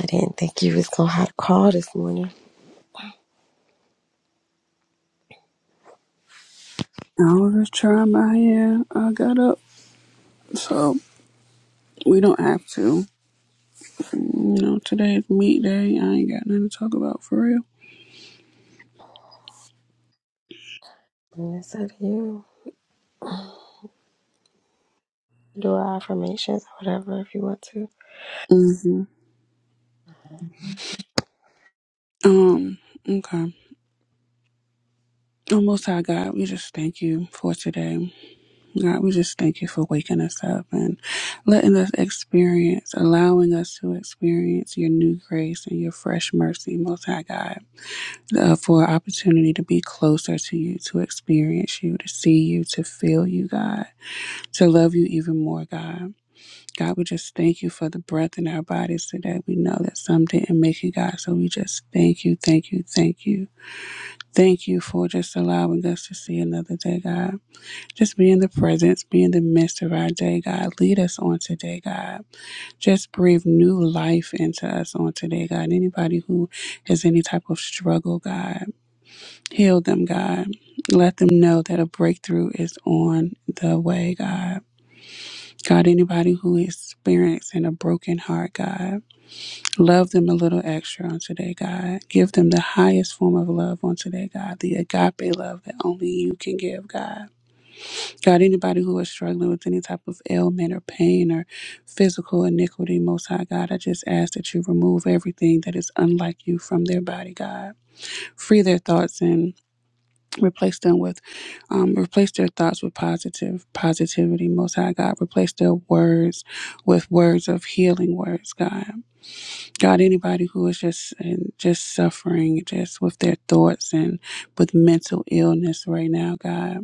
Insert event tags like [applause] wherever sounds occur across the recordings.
I didn't think you was gonna have to call this morning. I was just trying my hair. I got up, so we don't have to. You know, today is meat day. I ain't got nothing to talk about for real. And it's up to you. Do our affirmations or whatever if you want to. hmm Um. Okay. Oh, Most High God, we just thank you for today. God, we just thank you for waking us up and letting us experience, allowing us to experience your new grace and your fresh mercy, Most High God, uh, for opportunity to be closer to you, to experience you, to see you, to feel you, God. to love you even more, God. God, we just thank you for the breath in our bodies today. We know that some didn't make it, God. So we just thank you, thank you, thank you. Thank you for just allowing us to see another day, God. Just be in the presence, be in the midst of our day, God. Lead us on today, God. Just breathe new life into us on today, God. Anybody who has any type of struggle, God, heal them, God. Let them know that a breakthrough is on the way, God. God, anybody who is experiencing a broken heart, God, love them a little extra on today, God. Give them the highest form of love on today, God, the agape love that only you can give, God. God, anybody who is struggling with any type of ailment or pain or physical iniquity, Most High God, I just ask that you remove everything that is unlike you from their body, God. Free their thoughts and replace them with um, replace their thoughts with positive positivity most high god replace their words with words of healing words god god anybody who is just and just suffering just with their thoughts and with mental illness right now god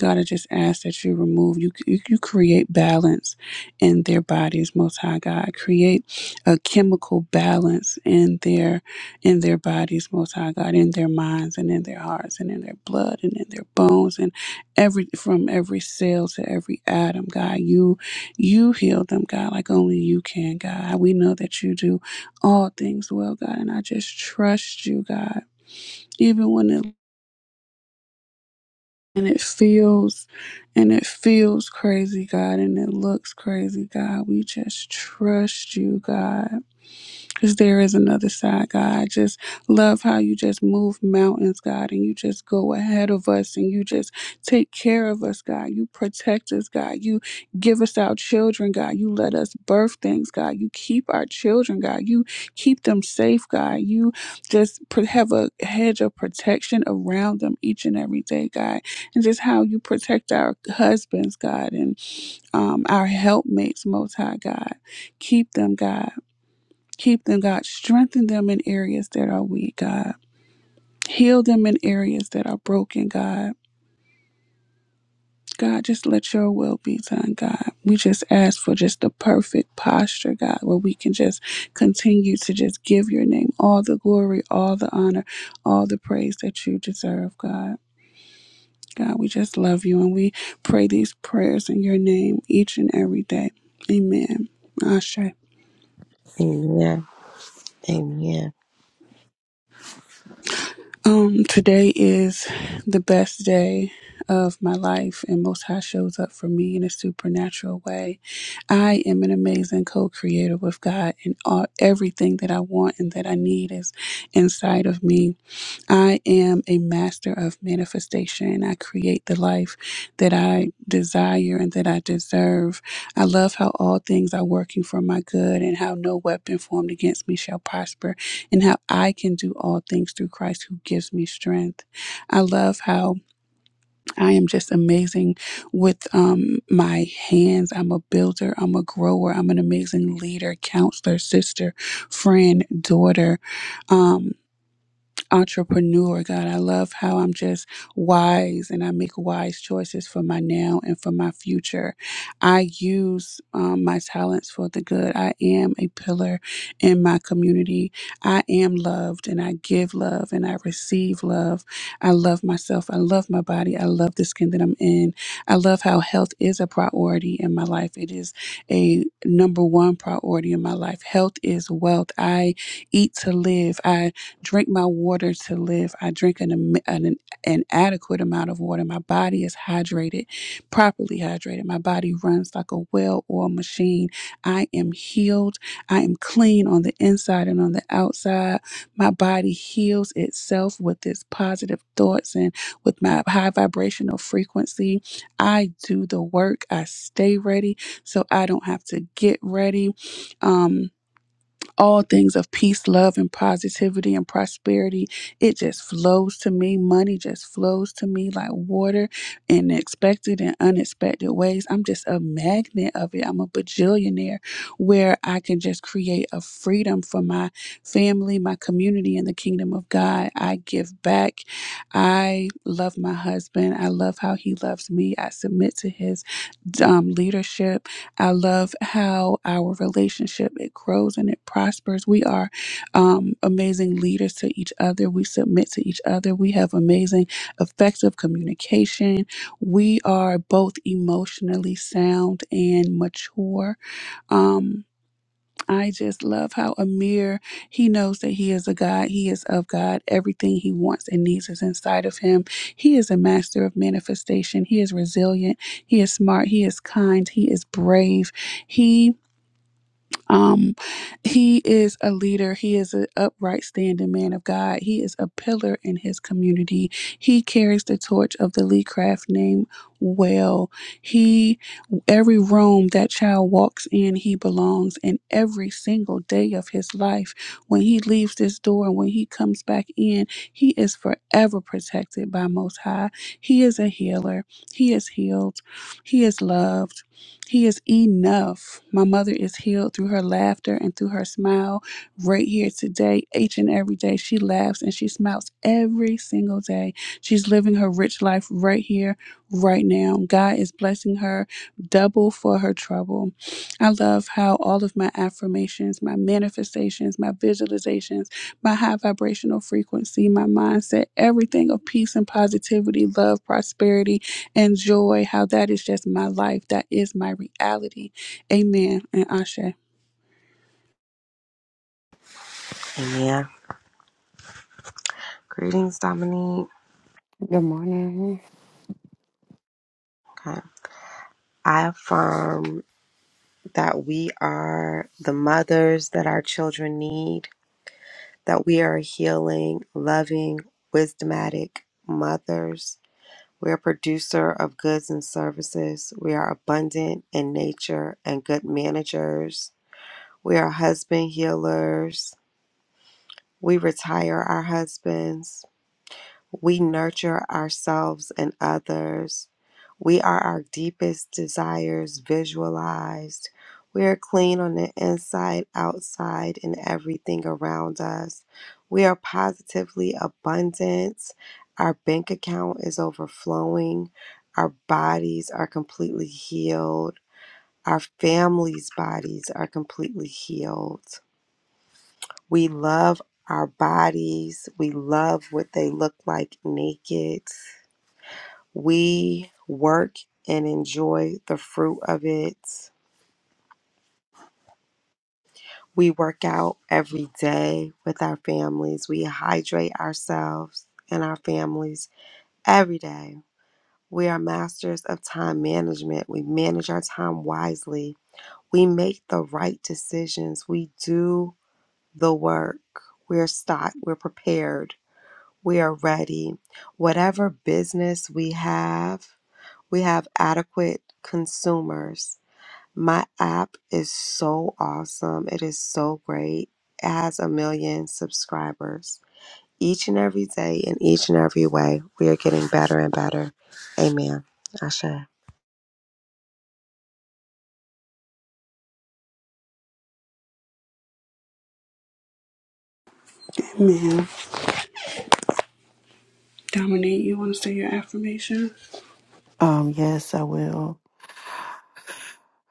God, I just ask that you remove, you, you, you create balance in their bodies, Most High God. Create a chemical balance in their in their bodies, Most High God, in their minds and in their hearts and in their blood and in their bones and every from every cell to every atom, God. You you heal them, God, like only you can, God. We know that you do all things well, God, and I just trust you, God. Even when it and it feels and it feels crazy god and it looks crazy god we just trust you god because there is another side, God. I just love how you just move mountains, God, and you just go ahead of us and you just take care of us, God. You protect us, God. You give us our children, God. You let us birth things, God. You keep our children, God. You keep them safe, God. You just pr- have a hedge of protection around them each and every day, God. And just how you protect our husbands, God, and um, our helpmates, Most High, God. Keep them, God. Keep them, God. Strengthen them in areas that are weak, God. Heal them in areas that are broken, God. God, just let your will be done, God. We just ask for just the perfect posture, God, where we can just continue to just give your name all the glory, all the honor, all the praise that you deserve, God. God, we just love you and we pray these prayers in your name each and every day. Amen. Ashe. Amen. Amen. Um, today is the best day of my life, and Most High shows up for me in a supernatural way. I am an amazing co-creator with God, and all everything that I want and that I need is inside of me. I am a master of manifestation. I create the life that I desire and that I deserve. I love how all things are working for my good and how no weapon formed against me shall prosper and how I can do all things through Christ who gives me strength. I love how I am just amazing with um, my hands. I'm a builder, I'm a grower, I'm an amazing leader, counselor, sister, friend, daughter. Um, entrepreneur, God. I love how I'm just wise and I make wise choices for my now and for my future. I use um, my talents for the good. I am a pillar in my community. I am loved and I give love and I receive love. I love myself. I love my body. I love the skin that I'm in. I love how health is a priority in my life. It is a number one priority in my life. Health is wealth. I eat to live. I drink my water to live. I drink an, am- an, an adequate amount of water. My body is hydrated, properly hydrated. My body runs like a well oiled machine. I am healed. I am clean on the inside and on the outside. My body heals itself with its positive thoughts and with my high vibrational frequency. I do the work. I stay ready so I don't have to get ready. Um, all things of peace, love, and positivity and prosperity. It just flows to me. Money just flows to me like water in expected and unexpected ways. I'm just a magnet of it. I'm a bajillionaire where I can just create a freedom for my family, my community, and the kingdom of God. I give back. I love my husband. I love how he loves me. I submit to his um, leadership. I love how our relationship it grows and it prospers. We are um, amazing leaders to each other. We submit to each other. We have amazing, effective communication. We are both emotionally sound and mature. Um, I just love how Amir, he knows that he is a God. He is of God. Everything he wants and needs is inside of him. He is a master of manifestation. He is resilient. He is smart. He is kind. He is brave. He um, he is a leader. He is an upright standing man of God. He is a pillar in his community. He carries the torch of the Lee Craft name well. He, every room that child walks in, he belongs. And every single day of his life, when he leaves this door and when he comes back in, he is forever protected by Most High. He is a healer. He is healed. He is loved. He is enough. My mother is healed through her laughter and through her smile right here today, each and every day. She laughs and she smiles every single day. She's living her rich life right here, right now. God is blessing her double for her trouble. I love how all of my affirmations, my manifestations, my visualizations, my high vibrational frequency, my mindset, everything of peace and positivity, love, prosperity, and joy, how that is just my life. That is my reality. Amen. And Ashe. Amen. Greetings, Dominique. Good morning. Okay. I affirm that we are the mothers that our children need, that we are healing, loving, wisdomatic mothers. We are producer of goods and services. We are abundant in nature and good managers. We are husband healers We retire our husbands. We nurture ourselves and others. We are our deepest desires visualized. We are clean on the inside, outside, and everything around us. We are positively abundant. Our bank account is overflowing. Our bodies are completely healed. Our families' bodies are completely healed. We love our bodies. We love what they look like naked. We work and enjoy the fruit of it. We work out every day with our families. We hydrate ourselves and our families every day. We are masters of time management. We manage our time wisely. We make the right decisions. We do the work. We're stocked. We're prepared. We are ready. Whatever business we have, we have adequate consumers. My app is so awesome. It is so great. It has a million subscribers. Each and every day, in each and every way, we are getting better and better. Amen. Ashe. Amen. Dominique, you want to say your affirmation? Um, yes, I will.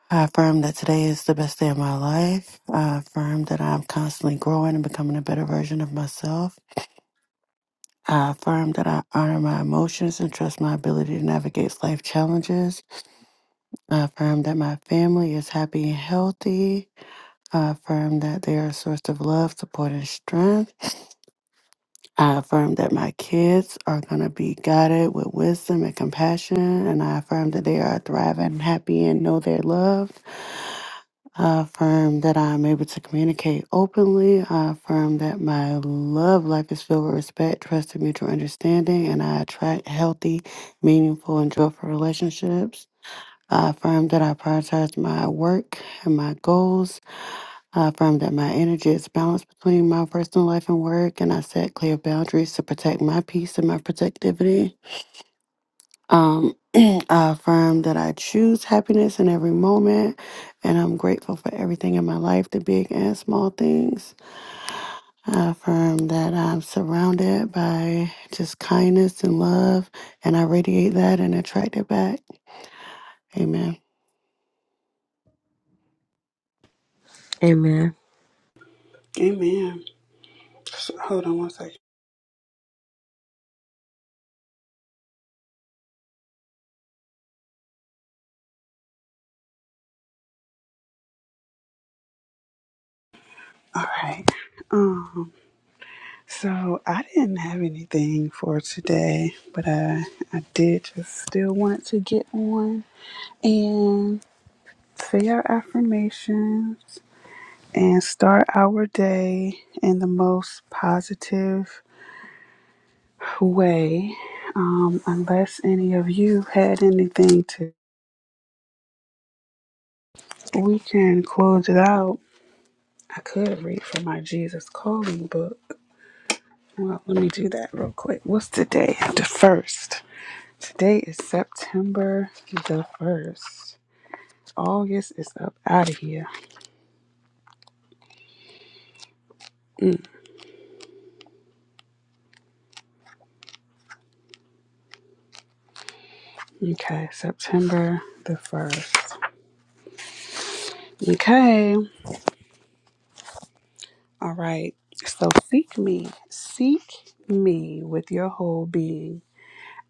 I affirm that today is the best day of my life. I affirm that I'm constantly growing and becoming a better version of myself. I affirm that I honor my emotions and trust my ability to navigate life challenges. I affirm that my family is happy and healthy. I affirm that they are a source of love, support, and strength. I affirm that my kids are going to be guided with wisdom and compassion. And I affirm that they are thriving, happy, and know they're loved. I affirm that I am able to communicate openly. I affirm that my love life is filled with respect, trust, and mutual understanding, and I attract healthy, meaningful, and joyful relationships. I affirm that I prioritize my work and my goals. I affirm that my energy is balanced between my personal life and work, and I set clear boundaries to protect my peace and my protectivity. Um, [clears throat] I affirm that I choose happiness in every moment, and I'm grateful for everything in my life, the big and small things. I affirm that I'm surrounded by just kindness and love, and I radiate that and attract it back. Amen. Amen. So, hold on one second. All right. Um, so I didn't have anything for today, but I I did just still want to get on and say our affirmations and start our day in the most positive way, um, unless any of you had anything to, we can close it out. I could read from my Jesus Calling book. Well, let me do that real quick. What's today? The first. Today is September the first. August is up out of here. Mm, okay, September the first. Okay. All right. So seek me. Seek me with your whole being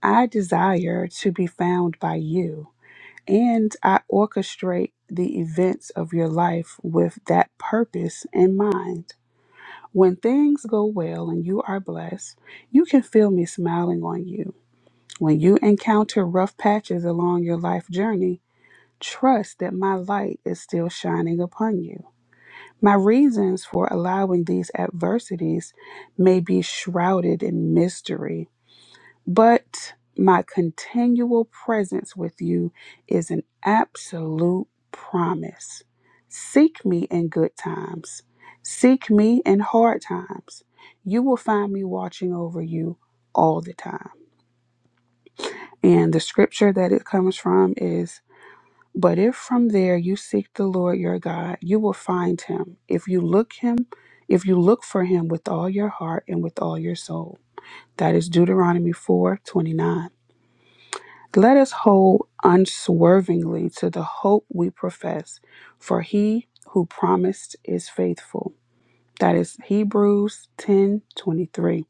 I desire to be found by you, and I orchestrate the events of your life with that purpose in mind. When things go well and you are blessed, you can feel me smiling on you. When you encounter rough patches along your life journey, trust that my light is still shining upon you. My reasons for allowing these adversities may be shrouded in mystery but my continual presence with you is an absolute promise. Seek me in good times, seek me in hard times. You will find me watching over you all the time. And the scripture that it comes from is But if from there you seek the Lord your God, you will find him if you look him. If you look for him with all your heart and with all your soul. That is Deuteronomy 4 29. Let us hold unswervingly to the hope we profess, for he who promised is faithful. That is Hebrews 10:23.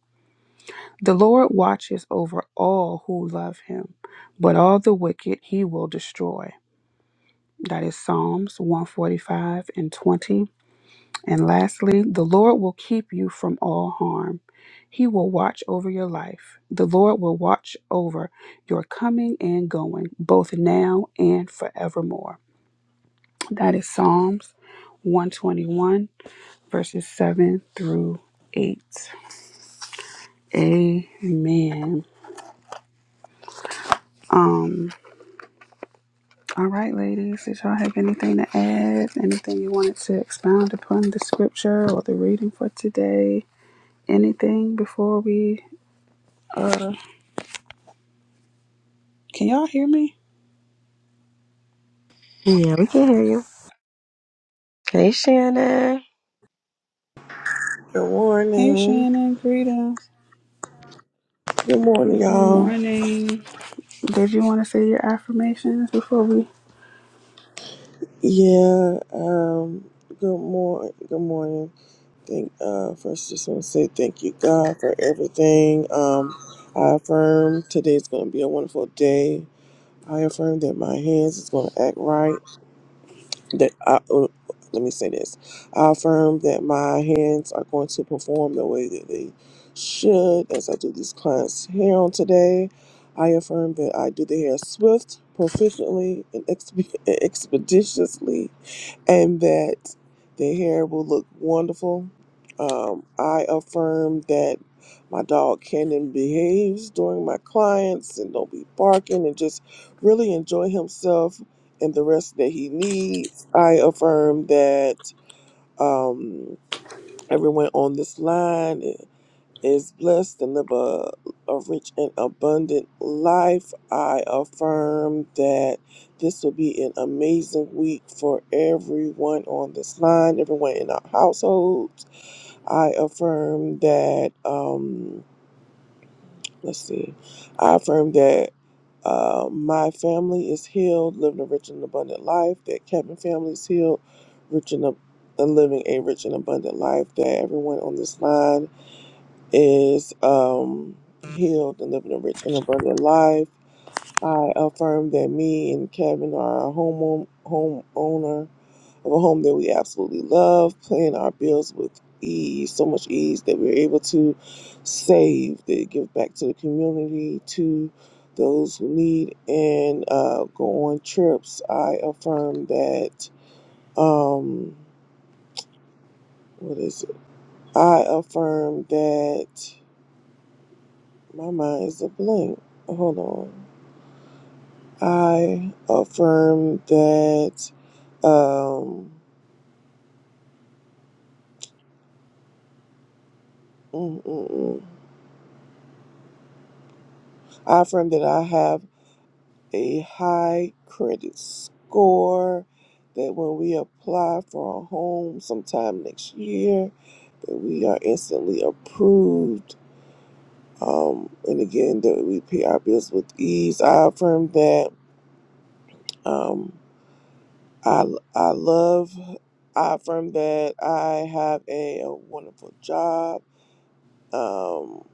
The Lord watches over all who love him, but all the wicked he will destroy. That is Psalms 145 and 20. And lastly, the Lord will keep you from all harm. He will watch over your life. The Lord will watch over your coming and going, both now and forevermore. That is Psalms 121, verses 7 through 8. Amen. Um, all right, ladies, did y'all have anything to add? Anything you wanted to expound upon the scripture or the reading for today? Anything before we uh? Can y'all hear me? Yeah, we can hear you. Hey, Shannon. Good Hey morning. Shannon, greetings. Good morning, Good y'all. morning. Did you want to say your affirmations before we? Yeah, um, good morning. Good morning. Thank, uh, first, just want to say thank you, God, for everything. Um, I affirm today's going to be a wonderful day. I affirm that my hands is going to act right. that I, uh, let me say this i affirm that my hands are going to perform the way that they should as i do these clients hair on today i affirm that i do the hair swift proficiently and expe- [laughs] expeditiously and that their hair will look wonderful. Um, I affirm that my dog Cannon behaves during my clients and don't be barking and just really enjoy himself and the rest that he needs. I affirm that um, everyone on this line is blessed and live a, a rich and abundant life. I affirm that this will be an amazing week for everyone on this line, everyone in our households. I affirm that, um, let's see, I affirm that. Uh, my family is healed, living a rich and abundant life. That Kevin family is healed, rich and ab- and living a rich and abundant life. That everyone on this line is um, healed and living a rich and abundant life. I affirm that me and Kevin are a home home owner of a home that we absolutely love, paying our bills with ease, so much ease that we're able to save, that give back to the community, to those who need, and uh, go on trips. I affirm that. Um, what is it? I affirm that My mind is a blank. Hold on. I affirm that um mm, mm, mm. I affirm that I have a high credit score that when we apply for a home sometime next year that we are instantly approved um and again that we pay our bills with ease. I affirm that um I, I love, I affirm that I have a, a wonderful job um,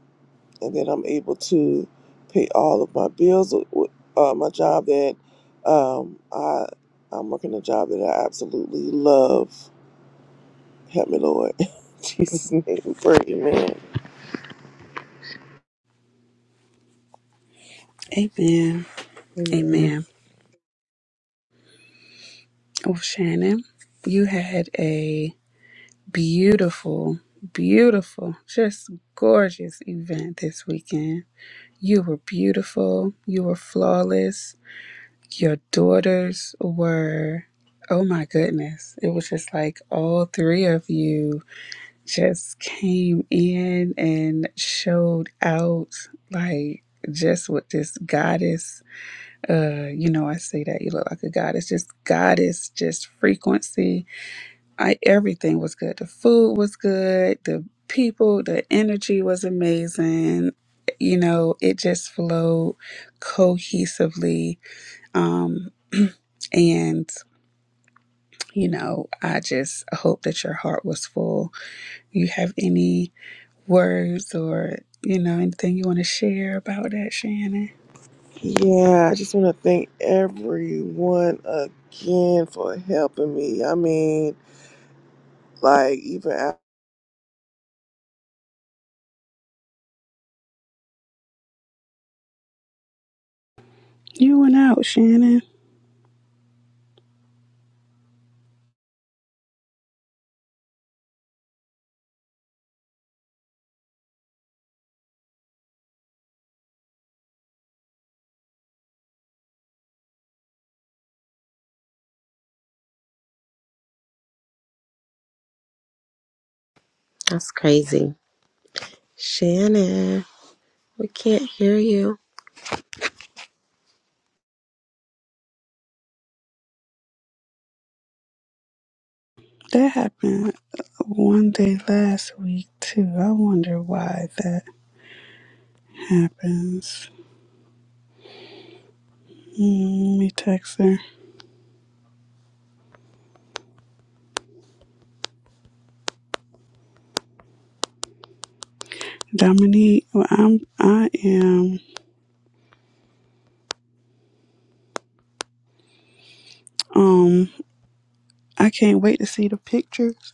and that I'm able to pay all of my bills with with, uh, my job that um, I, I'm working a job that I absolutely love. Help me, Lord. [laughs] In Jesus' name, we pray, amen. Amen. Amen. Amen. Oh, Shannon, you had a beautiful, beautiful, just gorgeous event this weekend. You were beautiful. You were flawless. Your daughters were, oh my goodness. It was just like all three of you just came in and showed out like just with this goddess uh you know i say that you look like a goddess just goddess just frequency i everything was good the food was good the people the energy was amazing you know it just flowed cohesively um and you know i just hope that your heart was full you have any words or you know anything you want to share about that shannon Yeah, I just want to thank everyone again for helping me. I mean, like, even after. you went out shannon That's crazy. Shannon, we can't hear you. that happened one day last week too i wonder why that happens mm, let me text her dominique well, i'm i am um i can't wait to see the pictures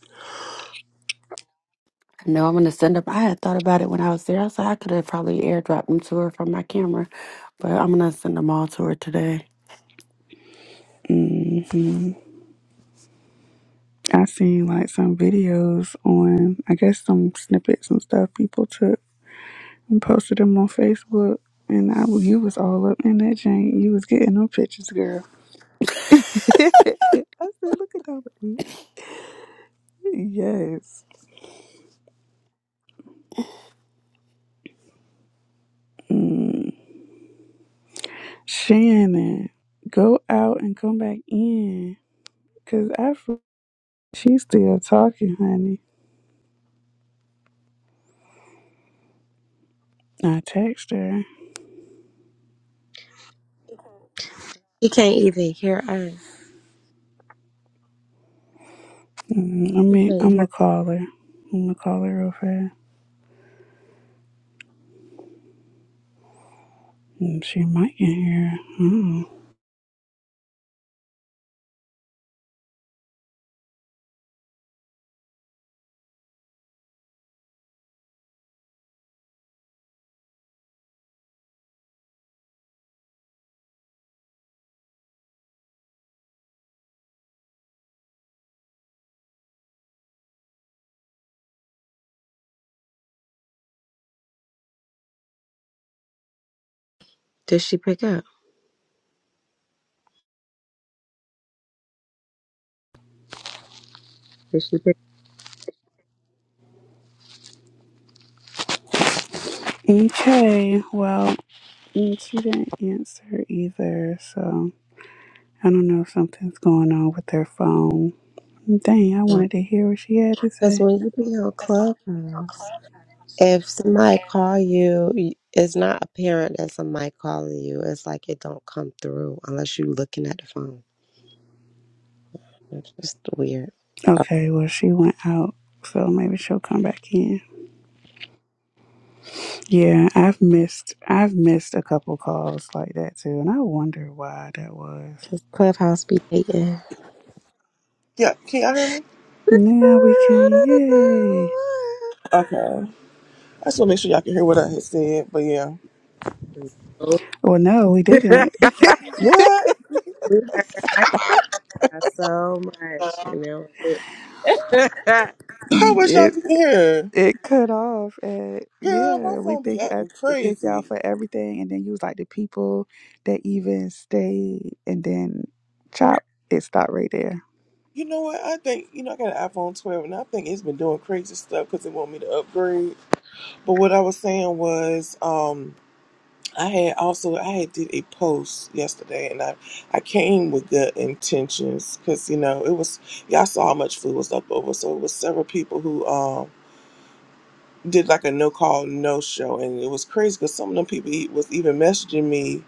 I know I'm going to send up. I had thought about it when I was there. I said I could have probably airdropped them to her from my camera, but I'm going to send them all to her today. hmm i seen like some videos on i guess some snippets and stuff people took and posted them on Facebook. And I, you was all up in that joint. You was getting them pictures, girl. [laughs] I said, look at that. Yes. Mm. Shannon, go out and come back in. Cause I, fr- she's still talking, honey. I text her. You can't even hear us. Mm, I You mean, can't I'm gonna hear. call her. I'm gonna call her real fast. Mm, She might get here. Mm. Did she pick up? Did she Okay. Well, mm, she didn't answer either. So. I don't know if something's going on with her phone. Dang, I wanted to hear what she had to Because say. when you be on Clubhouse, if somebody call you, y- it's not apparent that somebody calling you. It's like it don't come through unless you looking at the phone. It's just weird. Okay, well she went out, so maybe she'll come back in. Yeah, I've missed I've missed a couple calls like that too, and I wonder why that was. Because Clubhouse be hating. Yeah, can y'all hear me? No. [laughs] Now we can, yay! Okay. I just want to make sure y'all can hear what I had said, but yeah. Well, no, we didn't. What? we heard, I got so much, and that was it. [laughs] I wish it, y'all could hear? it cut off and Girl, my yeah we phone be thank I acting thank y'all crazy. for everything and then you was like the people that even stayed and then chop it stopped right there You know what? I think, you know, I got an iPhone 12 and I think it's been doing crazy stuff because it want me to upgrade. But what I was saying was, um, I had also I had did a post yesterday, and I I came with good intentions because you know it was y'all saw how much food was up over, so it was several people who um did like a no call, no show, and it was crazy because some of them people e- was even messaging me,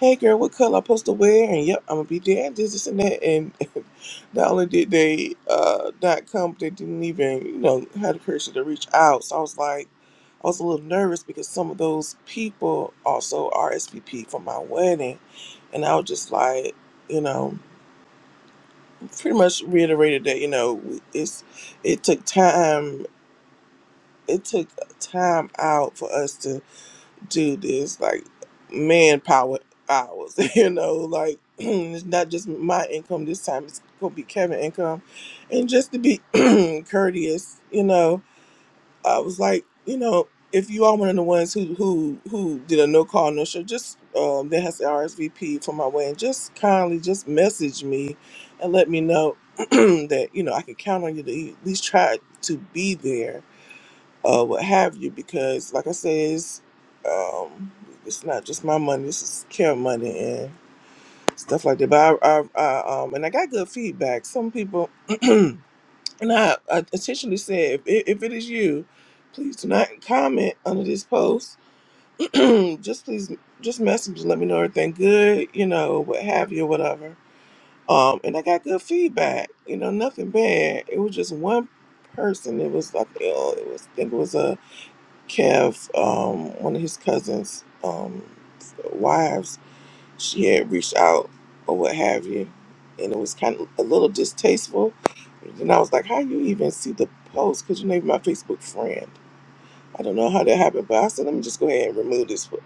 "Hey girl, what color I supposed to wear?" And yep, I'm gonna be there, this, this, and that. And [laughs] not only did they uh, not come, but they didn't even you know have the courage to reach out. So I was like, I was a little nervous because some of those people also RSVP for my wedding, and I was just like, you know, pretty much reiterated that you know it's it took time, it took time out for us to do this like manpower hours [laughs] you know like [clears throat] it's not just my income this time it's gonna be kevin income and just to be [clears throat] courteous you know i was like you know if you are one of the ones who who who did a no call no show just um that has the rsvp for my way and just kindly just message me and let me know [clears throat] that you know i can count on you to at least try to be there uh, what have you, because like I said, it's, um, it's not just my money. This is care money and stuff like that. But I, I, I um, and I got good feedback. Some people, [clears throat] and I, I intentionally said, if it, if it is you, please do not comment under this post. [clears throat] just please, just message, let me know everything good, you know, what have you, whatever. Um, and I got good feedback. You know, nothing bad. It was just one person. It was like, oh, it was. I think it was a Kev, um, one of his cousins' um, wives, she had reached out or what have you, and it was kind of a little distasteful. And I was like, "How you even see the post? Cause you named my Facebook friend. I don't know how that happened, but I said, let me just go ahead and remove this. po-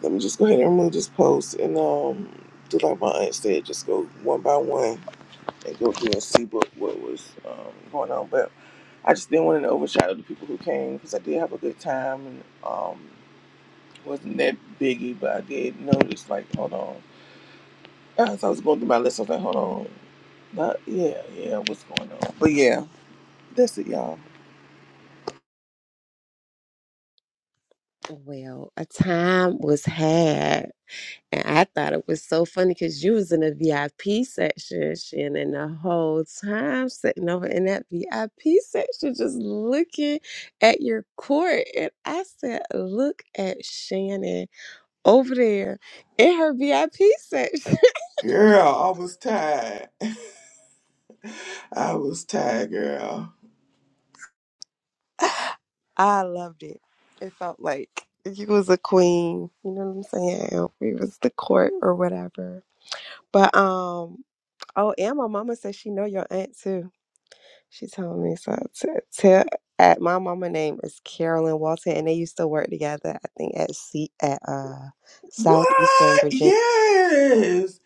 Let me just go ahead and remove this post, and um, do like my aunt said, just go one by one and go through and see what what was um, going on. But I just didn't want to overshadow the people who came because I did have a good time, and um. Wasn't that biggie, but I did notice, like, hold on. As I was going through my list, I was like, hold on. Not, yeah, yeah, what's going on? But yeah, that's it, y'all. [laughs] well, a time was had, and I thought it was so funny because you was in the VIP section, Shannon, and the whole time sitting over in that VIP section, just looking at your court, and I said, "Look at Shannon over there in her VIP section." Girl, I was tired. [laughs] I was tired, girl. [laughs] I loved it. It felt like you was a queen. You know what I'm saying? We was the court or whatever. But um, oh, and my mama said she know your aunt too. She told me so. To, to at my mama name is Carolyn Walton, and they used to work together. I think at C at uh Southeastern What? Virginia. Yes.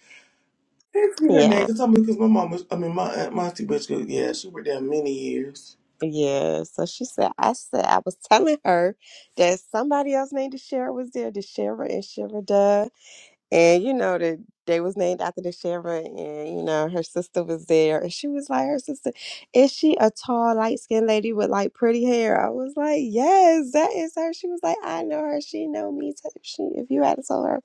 Thank you, her name, Yeah. because I'm because my mom was, I mean, my aunt Monty Bitchko, yeah, she worked there many years. Yeah, so she said, I said, I was telling her that somebody else named Deshara was there, Deshara and Shira And you know that they was named after the Shara, and you know her sister was there, and she was like, her sister, is she a tall, light skinned lady with like pretty hair? I was like, yes, that is her. She was like, I know her. She know me. T- She, if you had told her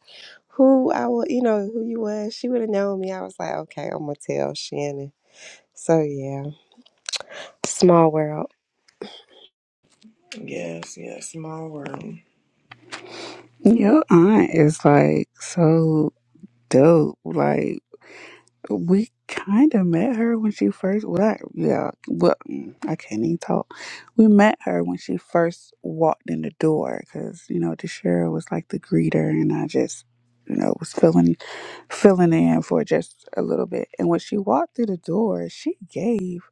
who I would, you know who you was, she would have known me. I was like, okay, I'm gonna tell Shannon. So yeah, small world. Yes, yes, small room. your aunt is like so dope like we kind of met her when she first. Well, I, yeah, well, mm, I can't even talk. We met her when she first walked in the door because you know Deshara was like the greeter, and I just you know was filling filling in for just a little bit. And when she walked through the door, she gave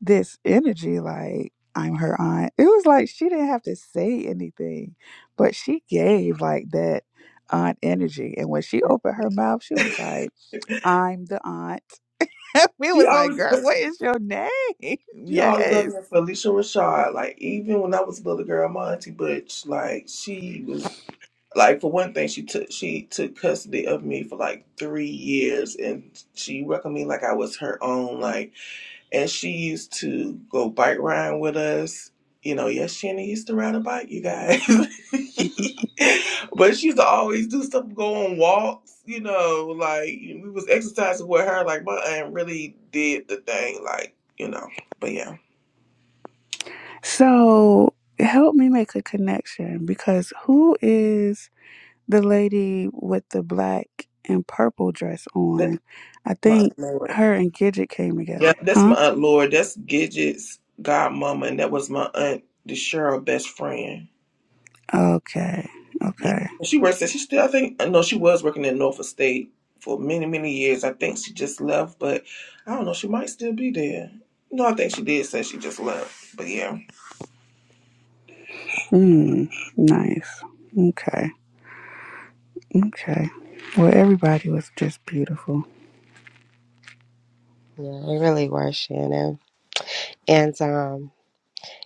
this energy like I'm her aunt. It was like she didn't have to say anything, but she gave like that aunt energy. And when she opened her mouth, she [laughs] was like, "I'm the aunt." [laughs] we She was like, girl, always. what is your name? [laughs] She always yes. rubbing it for Alicia Rashad. Like even when I was a little girl, my auntie Butch, like she was like for one thing, she took she took custody of me for like three years, and she welcomed me like I was her own. Like, and she used to go bike riding with us. You know, yes, Shannon used to ride a bike, you guys. [laughs] but she used to always do stuff, go on walks. You know, like we was exercising with her. Like my aunt really did the thing. Like you know, but yeah. So help me make a connection because who is the lady with the black and purple dress on. I My think aunt Lord. her and Gidget came together, Yep, that's huh? my aunt Lord. That's Gidget's godmama, and that was my aunt the Cheryl best friend. Okay, Yeah, okay. and she works. At, she still, I think, no, she was working at Norfolk State for many, many years. I think she just left, but I don't know. She might still be there. No, I think she did say she just left. But yeah. Hmm, nice. Okay, okay. Well, everybody was just beautiful. Yeah, they really were Shannon, and um.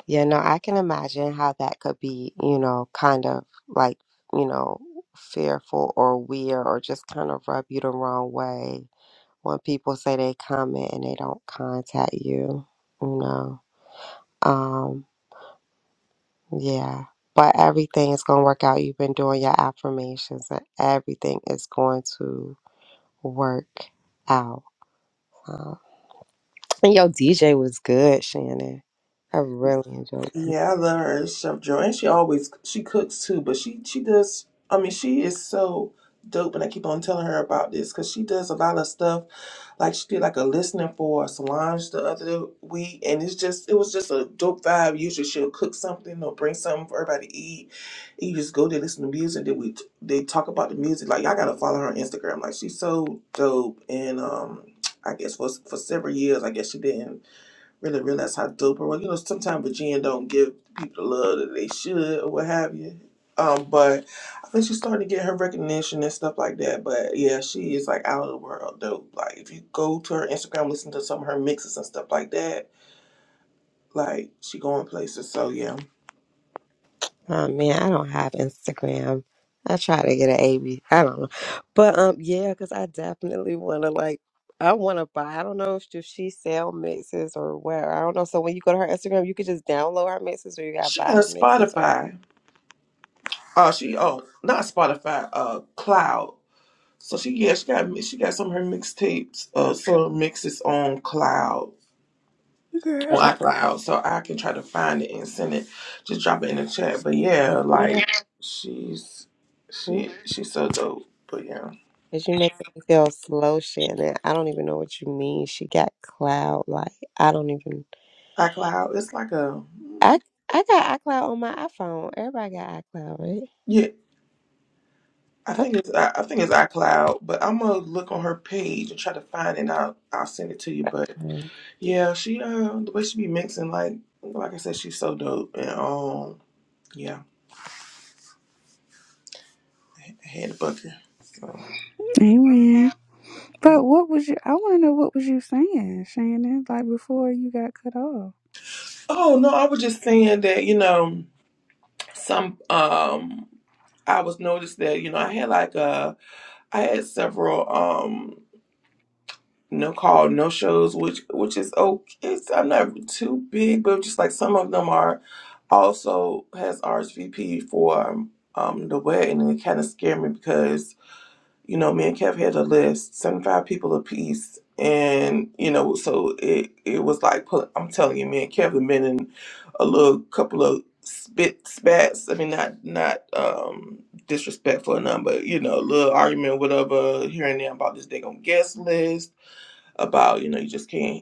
Yeah, no, I can imagine how that could be, you know, kind of like, you know, fearful or weird or just kind of rub you the wrong way when people say they comment and they don't contact you, you know. Um, yeah. But everything is going to work out. You've been doing your affirmations and everything is going to work out. Um, and your DJ was good, Shannon. I really enjoyed it. Yeah, I love her and Chef Joanne. She always she cooks too, but she she does. I mean, she is so dope, and I keep on telling her about this because she does a lot of stuff. Like she did like a listening for Solange the other week, and it's just it was just a dope vibe. Usually she'll cook something or bring something for everybody to eat. And you just go there, listen to music, then we they talk about the music. Like y'all gotta follow her on Instagram. Like she's so dope, and um, I guess for for several years, I guess she didn't really realize how dope. Well, you know, sometimes Virginia don't give people the love that they should or what have you. Um, but I think she's starting to get her recognition and stuff like that. But yeah, she is like out of the world dope. Like if you go to her Instagram, listen to some of her mixes and stuff like that, like she going places. So yeah. Oh man, I don't have Instagram. I try to get an AB. I don't know, but um, yeah, because I definitely want to like, I want to buy. I don't know if, if she sell mixes or where. I don't know. So when you go to her Instagram, you could just download her mixes, or you gotta She buy her has mixes, or Spotify. Uh, she oh not Spotify. Uh, Cloud. So she yeah she got she got some of her mixtapes. Uh, sort of mixes on Cloud. [laughs] Girl, on I- iCloud, so I can try to find it and send it. Just drop it in the chat. But yeah, yeah, like she's she because she's so dope. But yeah, you making me feel slow, Shannon. I don't even know what you mean. She got cloud. Like I don't even. iCloud. It's like a I I got iCloud on my iPhone. Everybody got iCloud, right? yeah. I Oh, think it's I I think it's iCloud, but I'm gonna look on her page and try to find it. And I'll I'll send it to you. But Okay. yeah, she uh the way she be mixing like like I said, she's so dope. And um yeah, I had a bucket. So Amen. But what was you? I want to know what was you saying, Shannon? Like before you got cut off. oh no, I was just saying that you know some um. I was noticed that you know I had like uh I had several um no call no shows which which is okay it's, I'm not too big but just like some of them are also has RSVP for um the wedding and it kind of scared me because you know, me and Kev had a list, 75 people apiece. And, you know, so it, it was like, pull- I'm telling you, me and Kev have been in a little couple of spit spats. I mean, not, not, um, disrespectful or nothing, but, you know, a little argument, whatever, here and there about this, they going guest list about, you know, you just can't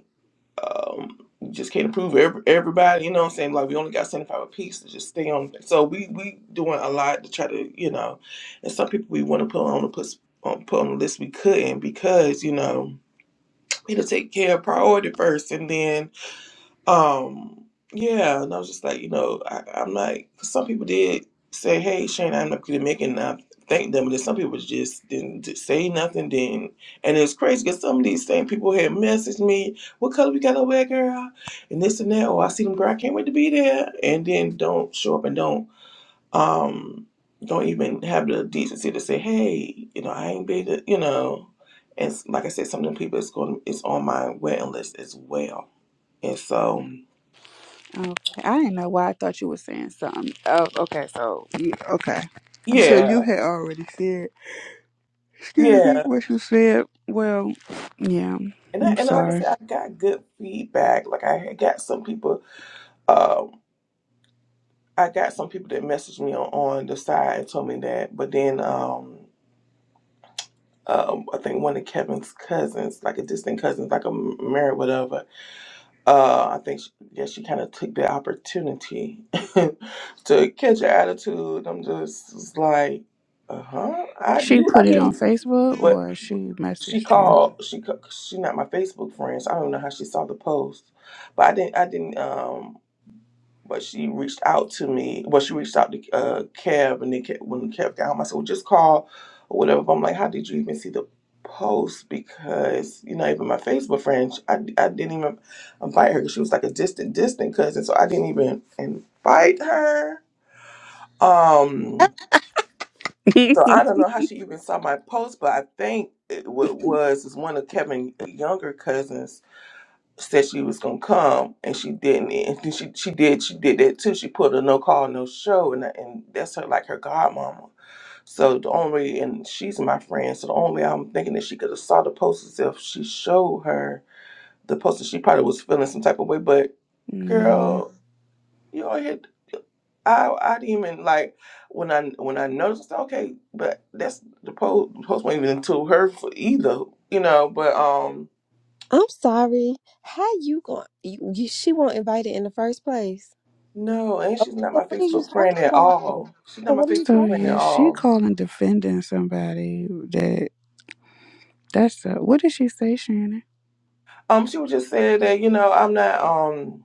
um, you just can't approve every, everybody. You know what I'm saying? Like we only got 75 a piece to just stay on. So we we doing a lot to try to you know, and some people we want to put on the put on put on the list we couldn't because you know we had to take care of priority first, and then um, yeah, and I was just like, you know, I, I'm like, 'cause some people did say, "Hey, Shane, I'm not Dominican," and I thanked them, but then some people just didn't d- say nothing. Then, and it's crazy because some of these same people had messaged me, "What color we gotta wear, girl?" and this and that. Oh, I see them, girl. I can't wait to be there. And then don't show up and don't um don't even have the decency to say, "Hey, you know, I ain't been, to-" you know." And s- like I said, some of them people it's going it's on my waiting list as well, and so. Okay, I didn't know why I thought you were saying something. Oh, okay. So you okay? So you Yeah, had already said. Excuse me, yeah, what you said. Well, yeah, and I, I'm and like I sorry. said, I got good feedback. Like I had got some people, um, I got some people that messaged me on, on the side and told me that. But then, um, um, I think one of Kevin's cousins, like a distant cousin, like a m- married whatever. Uh, I think she, yeah, she kind of took the opportunity [laughs] to catch her attitude. I'm just was like, uh huh, I She you put I it on didn't, Facebook but or she She messaged you. called. She co- she not my Facebook friend, so I don't know how she saw the post, but I didn't. I didn't. Um, but she reached out to me. Well, she reached out to uh Kev, and then Kev, when Kev got home, I said, "Well, just call or whatever." But I'm like, "How did you even see the post?" Because you know, even my Facebook friend, I, I didn't even invite her because she was like a distant, distant cousin, so I didn't even invite her. Um. So I [laughs] don't know how she even saw my post, but I think it wa- was is one of Kevin younger cousins said she was gonna come and she didn't, and then she she did she did that too. She put a no call no show, and and that's her like her godmama. So the only and she's my friend, so the only way I'm thinking that she could have saw the post is if she showed her the post. She probably was feeling some type of way, but hmm girl, you all here. I I didn't even like when I when I noticed I said, okay, but that's the post the post wasn't even to her for either, you know. But um, I'm sorry. How you going? You, you, she won't invite it in the first place. no, and Oh, she's not my so what is you Facebook talking friend at about? So all. She's not my what are you So Facebook talking? friend at yeah, she all. calling defending somebody that that's uh what did she say, Shannon? Um, she was just saying that you know I'm not um.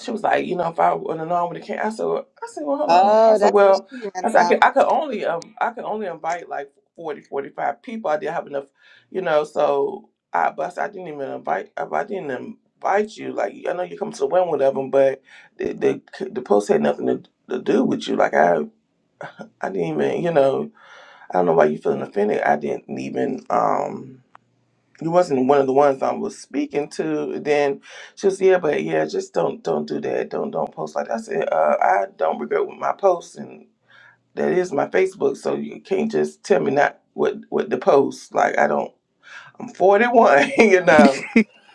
she was like, you know, if I would have known when it came, I said, well- I said, well, hold on. I Oh, said, that's what well, she's mad I said, I could, about. I could only, um, I could only invite like 40, 45 people. I didn't have enough, you know, so I, but I, said, I didn't even invite, I, I didn't invite you. Like, I know you come to the wedding with them, but the, the, the post had nothing to, to do with you. Like I, I didn't even, you know, I don't know why you feeling offended. I didn't even, um, you wasn't one of the ones I was speaking to. Then she was, yeah, but yeah, just don't don't do that. Don't don't post like that. I said, uh, I don't regret with my posts, and that is my Facebook. So you can't just tell me not what what to post. Like I don't. I'm 41. [laughs] You know,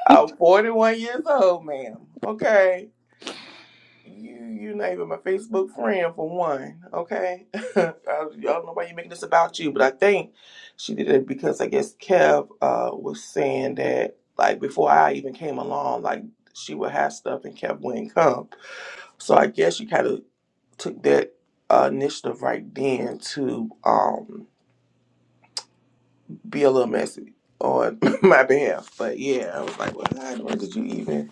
I'm 41 years old, ma'am. Okay. You you're not even my Facebook friend for one, okay? [laughs] I, I don't know why you're making this about you, but I think she did it because I guess Kev uh, was saying that like before I even came along, like she would have stuff and Kev wouldn't come. So I guess she kind of took that uh, initiative right then to um, be a little messy on [laughs] my behalf. But yeah, I was like, well, God, why did you even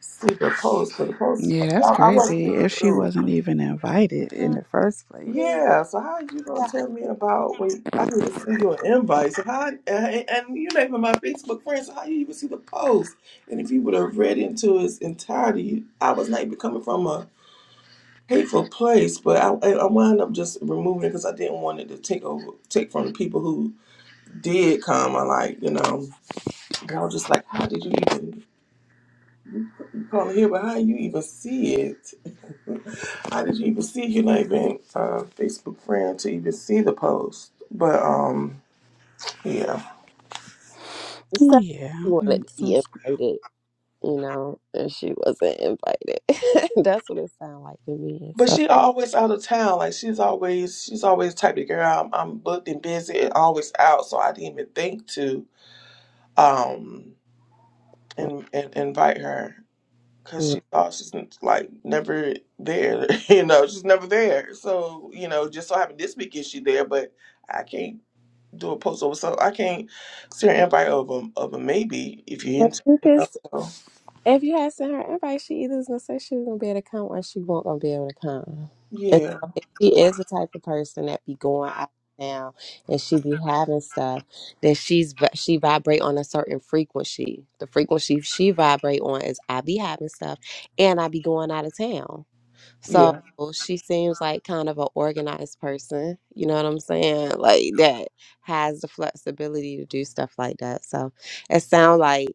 see the post? For the post, Yeah, I, that's I wasn't crazy. even If she through. wasn't even invited in No, the first place. Mm, Yeah, so how you Yeah, gonna I tell me think about when I didn't even see your invite? So how and, and you're not even my Facebook friend, so how you even see the post? And if you would have read into its entirety, I was not even coming from a hateful place, but I I I wound up just removing it because I didn't want it to take over take from the people who did come. I like you know, and I was just like, how did you even you come here? But how you even see it? I didn't even see you not even uh, Facebook friend to even see the post. But um, yeah. Oh so. yeah. She wanted Mm, to be so- invited, you know, and she wasn't invited. [laughs] that's what it sounded like to me. But So, she always out of town. Like she's always she's always the type of girl. I'm, I'm booked and busy and always out. So I didn't even think to um and, and invite her because mm, she thought she's like never there. [laughs] you know, she's never there. So you know, just so happened this week is she there, but I can't do a post over. So I can't send an invite over of a maybe if you into. yeah. so. If you had sent her an invite, she either was gonna say she was gonna be able to come or she won't gonna be able to come. And Yeah, so if she is the type of person that be going out now and she be having stuff, then she's vi- she vibrate on a certain frequency. The frequency she vibrate on is I be having stuff and I be going out of town. So yeah, she seems like kind of an organized person, you know what I'm saying? Like that has the flexibility to do stuff like that. So it sounds like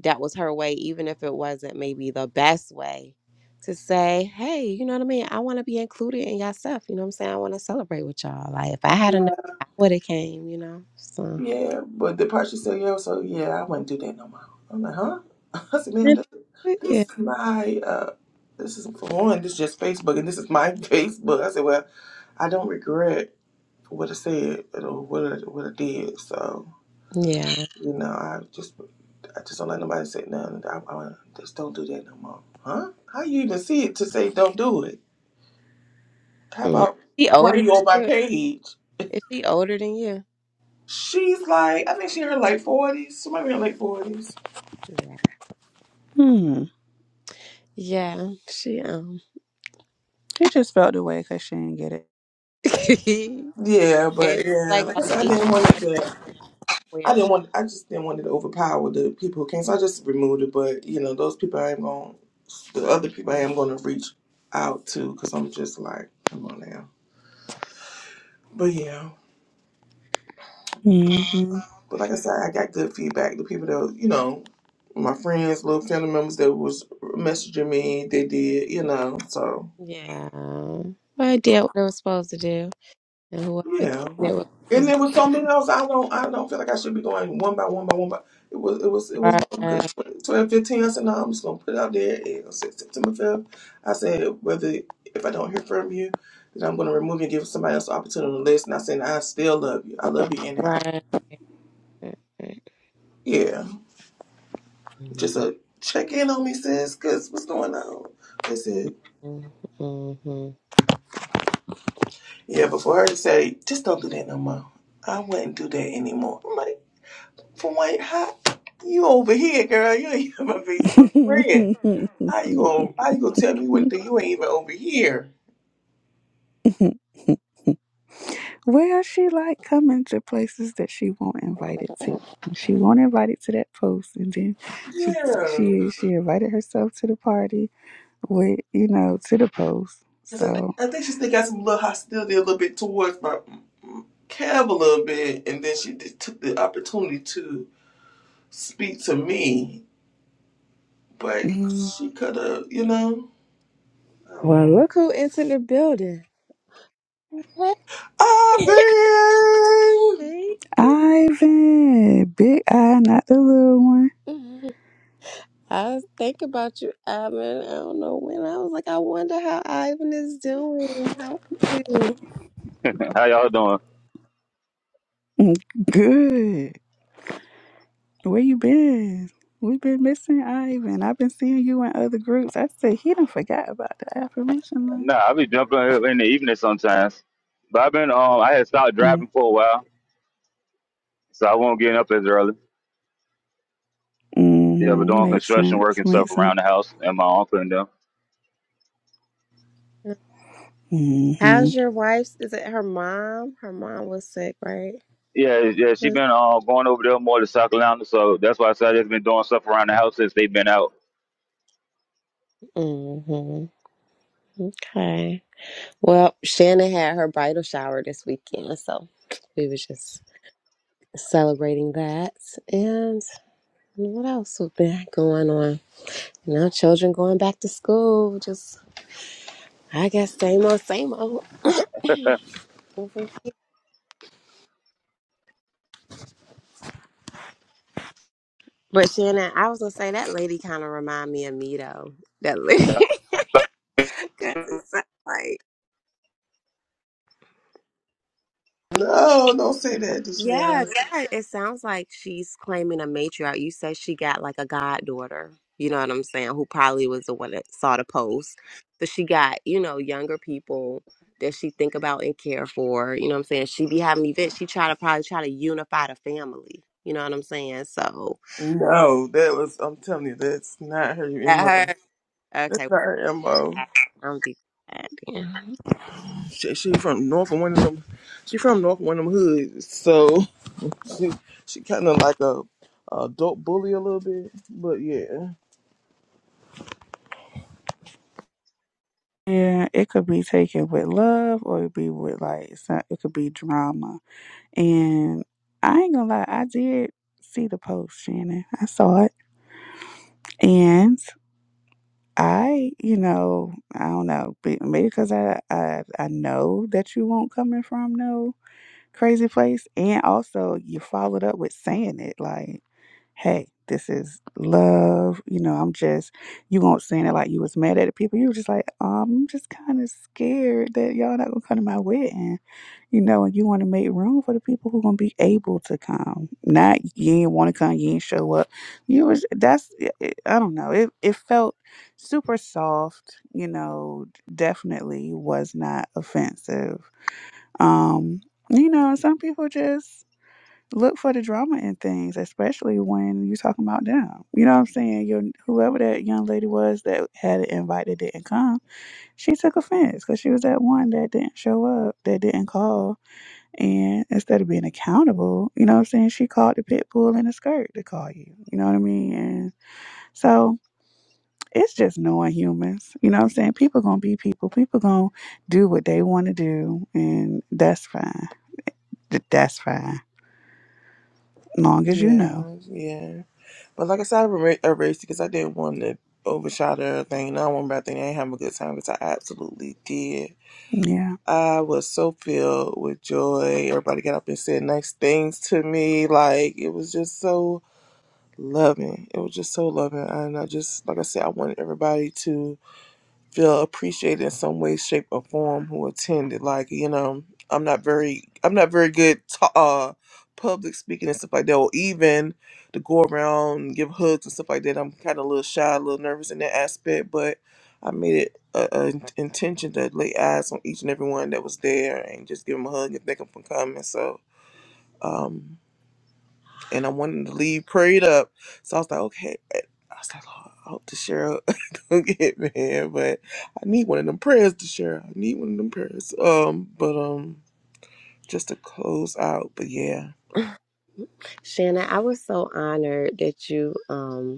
that was her way, even if it wasn't maybe the best way to say, hey, you know what I mean? I want to be included in y'all stuff. You know what I'm saying? I want to celebrate with y'all. Like if I had known, I would have came, you know? So yeah. But the part she said, yeah, so yeah, I wouldn't do that no more. I'm like, huh? [laughs] I said, ma'am, yeah. this, [laughs] this Yeah. is my, uh, this is for one, this is just Facebook, and this is my [laughs] Facebook. I said, well, I don't regret what I said or what I, what I did. So Yeah. you know, I just I just don't let nobody say nothing. I, I just don't do that no more. Huh? How you even see it to say don't do it? How Mm. about She why older you on my than you? page? Is she older than you? She's like, I think she in her late forties. She might be in her late forties. Yeah. Hmm. Yeah. She um She just felt the way because she didn't get [laughs] and she's Yeah, but yeah, like like I a said, I matriarch didn't want it to. somewhere. I didn't want. I just didn't want it to overpower the people who came, so I just removed it. But you know, those people I am going, the other people I Mhm. am going to reach out to, because I'm just like, come on now. But yeah, it. but like I said, I got good feedback. The people that you know, my friends, little family members that was messaging me, they did, you know. So Yeah. But I did what it was supposed to do. And whoever said yeah. it was And supposed there was something else. I don't. I don't feel like I should be going one by one by one by. It was. It was. to It was good. Right, 12, 15. I said, no. I'm just gonna put it out there. And I said, September fifth. I said, whether if I don't hear from you, then I'm gonna remove you and give somebody else the opportunity to listen. I said, I still love you. I love you anyhow. right. Yeah. Just Mm-hmm. a check in on me, sis. Cause what's going on? That's it. hmm Yeah. But for her to say, just don't do that no more. I wouldn't do that anymore. I'm like, for what? hot. You over here, girl. You ain't [laughs] my Facebook friend. How you gonna how you gonna tell me what you ain't even over here? hmm [laughs] Well, she like coming to places that she won't invited to. She won't invited to that post, and then she Yeah, 'cause she she invited herself to the party with you know to the post. I think So I think she still got some little hostility a little bit towards my mm, Kev a little bit, and then she did, took the opportunity to speak to me, but mm, she could have, you know, I don't Well, know. look who entered the building. [laughs] Ivan, Hey. Ivan, big eye, not the little one. Mhm. I was thinking about you, Ivan. I don't know when. I was like, I wonder how Ivan is doing. How are you? [laughs] How y'all doing? Mm, Good. Where you been? We've been missing Ivan. I've been seeing you in other groups. I said he done forgot about the affirmation line. Nah, I be jumping in the evening sometimes. But I've been um I had stopped Mm, driving for a while, so I won't get up as early. Yeah, but hmm doing Makes construction work sense. and stuff Makes sense. around the house and my uncle and them. Mm-hmm. How's your wife's? Is it her mom? Her mom was sick, right? Yeah, yeah, she been uh, going over there more to South Carolina, so that's why I said I've been doing stuff around the house since they've been out. Mm-hmm. Okay. Well, Shannon had her bridal shower this weekend, so we were just celebrating that. And what else was been going on? You know, children going back to school. Just, I guess, same old, same old. [coughs] [laughs] Mhm. but Shannon, I was gonna say that lady kind of remind me of me though. That lady, [laughs] 'Cause it's like no, don't say that Yeah, Deshara. yeah, it sounds like she's claiming a matriarch. You said she got like a goddaughter, you know what I'm saying, who probably was the one that saw the post. So she got, you know, younger people that she think about and care for. You know what I'm saying? She be having events. She try to probably try to unify the family. You know what I'm saying? So No, that was I'm telling you, that's not her mo. that her That's okay. not her mo. I'm be glad. Yeah. She, she from north of one of them. She from north of one of them hoods, so [laughs] she she kind of like a, a adult bully a little bit. But yeah, Yeah, it could be taken with love or it be with like some, it could be drama. And I ain't gonna lie, I did see the post, Shannon. I saw it, and I, you know, I don't know, be- maybe because I, I I know that you won't coming from no crazy place. And also, you followed up with saying it like, hey, this is love. You know, I'm just, you weren't saying it like you was mad at the people. You were just like, um, I'm just kind of scared that y'all not going to come to my wedding. You know, and you want to make room for the people who going to be able to come. Not, you ain't want to come, you ain't show up. You was, that's, it, it- I don't know. It, it felt super soft, you know, definitely was not offensive um, you know, and some people just look for the drama in things, especially when you talking about them. You know what I'm saying? Your whoever that young lady was that had an invite that didn't come, she took offense because she was that one that didn't show up, that didn't call, and instead of being accountable, you know what I'm saying? She called the pit bull in a skirt to call you. You know what I mean? And so. It's just knowing humans. You know what I'm saying? People gonna be people. People gonna do what they wanna do and that's fine. Th- That's fine. Long as you yeah, know. yeah. But like I said, I erased it because I didn't want to overshadow everything. And I want about thing. I ain't having a good time because I absolutely did. Yeah. I was so filled with joy. Everybody got up and said nice things to me. Like it was just so loving. It was just so loving, and I just like I said, I wanted everybody to. feel appreciated in some way, shape, or form who attended. Like you know, I'm not very I'm not very good ta uh public speaking and stuff like that, or even to go around and give hugs and stuff like that. I'm kind of a little shy, a little nervous in that aspect, but I made it a, a in- intention to lay eyes on each and every one that was there and just give them a hug and thank them for coming. So. Um, and I wanted to leave prayed up, so I was like, okay. I was like, Lord, I hope the sheriff [laughs] don't get mad, but I need one of them prayers to share. I need one of them prayers. Um, but um, just to close out. But yeah, Shannon, I was so honored that you um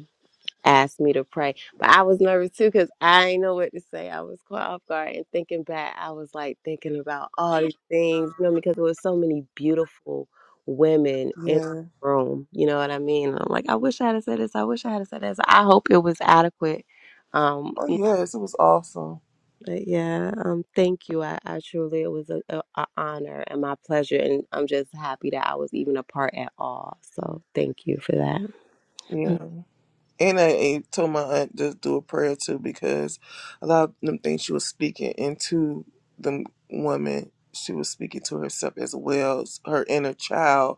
asked me to pray. But I was nervous too because I didn't know what to say. I was caught off guard and thinking back, I was like thinking about all these things, you know, because there was so many beautiful women in the yeah. room. You know what I mean? I'm like, I wish I had said this. I wish I had said this. I hope it was adequate. Um, Oh yes, it was awesome. but yeah, um, thank you. I, I truly, it was a, a, a honor and my pleasure, and I'm just happy that I was even a part at all. So thank you for that. Yeah, Mm. and I, I told my aunt to do a prayer too because a lot of them things she was speaking into the woman, she was speaking to herself as well as her inner child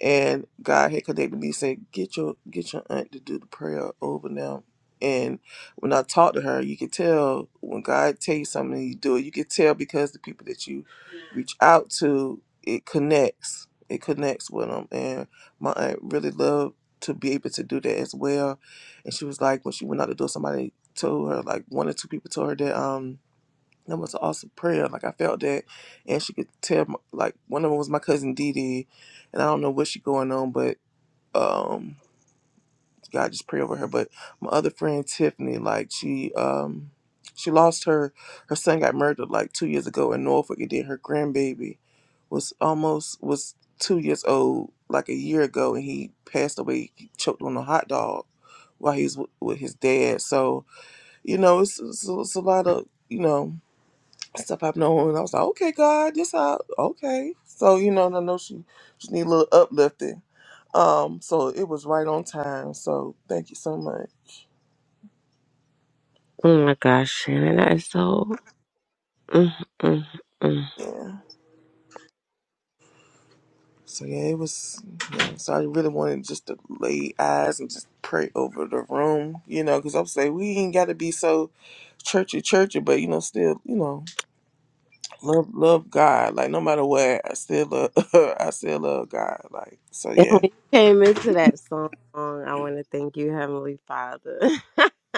and God had connected me said, Get your get your aunt to do the prayer over them. And when I talked to her, you could tell when God tell you something and you do it, you could tell because the people that you reach out to, it connects. It connects with them. And my aunt really loved to be able to do that as well. And she was like, when she went out the door, somebody told her, like one or two people told her that um that was an awesome prayer. Like I felt that, and she could tell. My, like one of them was my cousin Dee Dee, and I don't know what she going on, but um, God just pray over her. But my other friend Tiffany, like she um, she lost her her son got murdered like two years ago in Norfolk, and then her grandbaby was almost was two years old like a year ago, and he passed away. He choked on a hot dog while he's w- with his dad. So you know, it's, it's, it's a lot of you know stuff I've known. And I was like, okay, God, this how okay. So you know, and I know she she need a little uplifting. Um, so it was right on time. So thank you so much. Oh my gosh, Shannon, that is so. Mm, mm, mm. Yeah. So yeah, it was. Yeah. So I really wanted just to lay eyes and just pray over the room, you know, because I'm saying we ain't got to be so churchy, churchy, but you know, still, you know, love, love God. Like no matter what, I still love, [laughs] I still love God. Like so, And when yeah. you came into that song, I want to thank you, Heavenly Father. [laughs]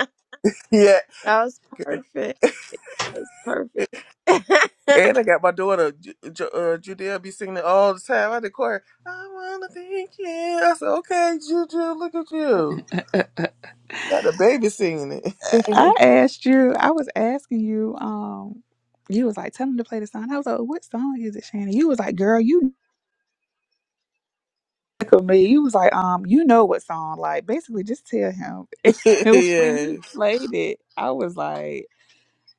Yeah. That was perfect. It was perfect. [laughs] I And I got my daughter, Ju- Ju- uh, Judea, be singing it all the time. I declare, I wanna thank you. I said, okay, Juju, look at you. Got the baby singing I it. asked you, I was asking you, um, you was like, tell him to play the song. I was like, what song is it, Shannon? You was like, girl, you [laughs] know me. You was like, um, you know what song. Like, basically just tell him. [laughs] [laughs] And when he yes, played it, I was like,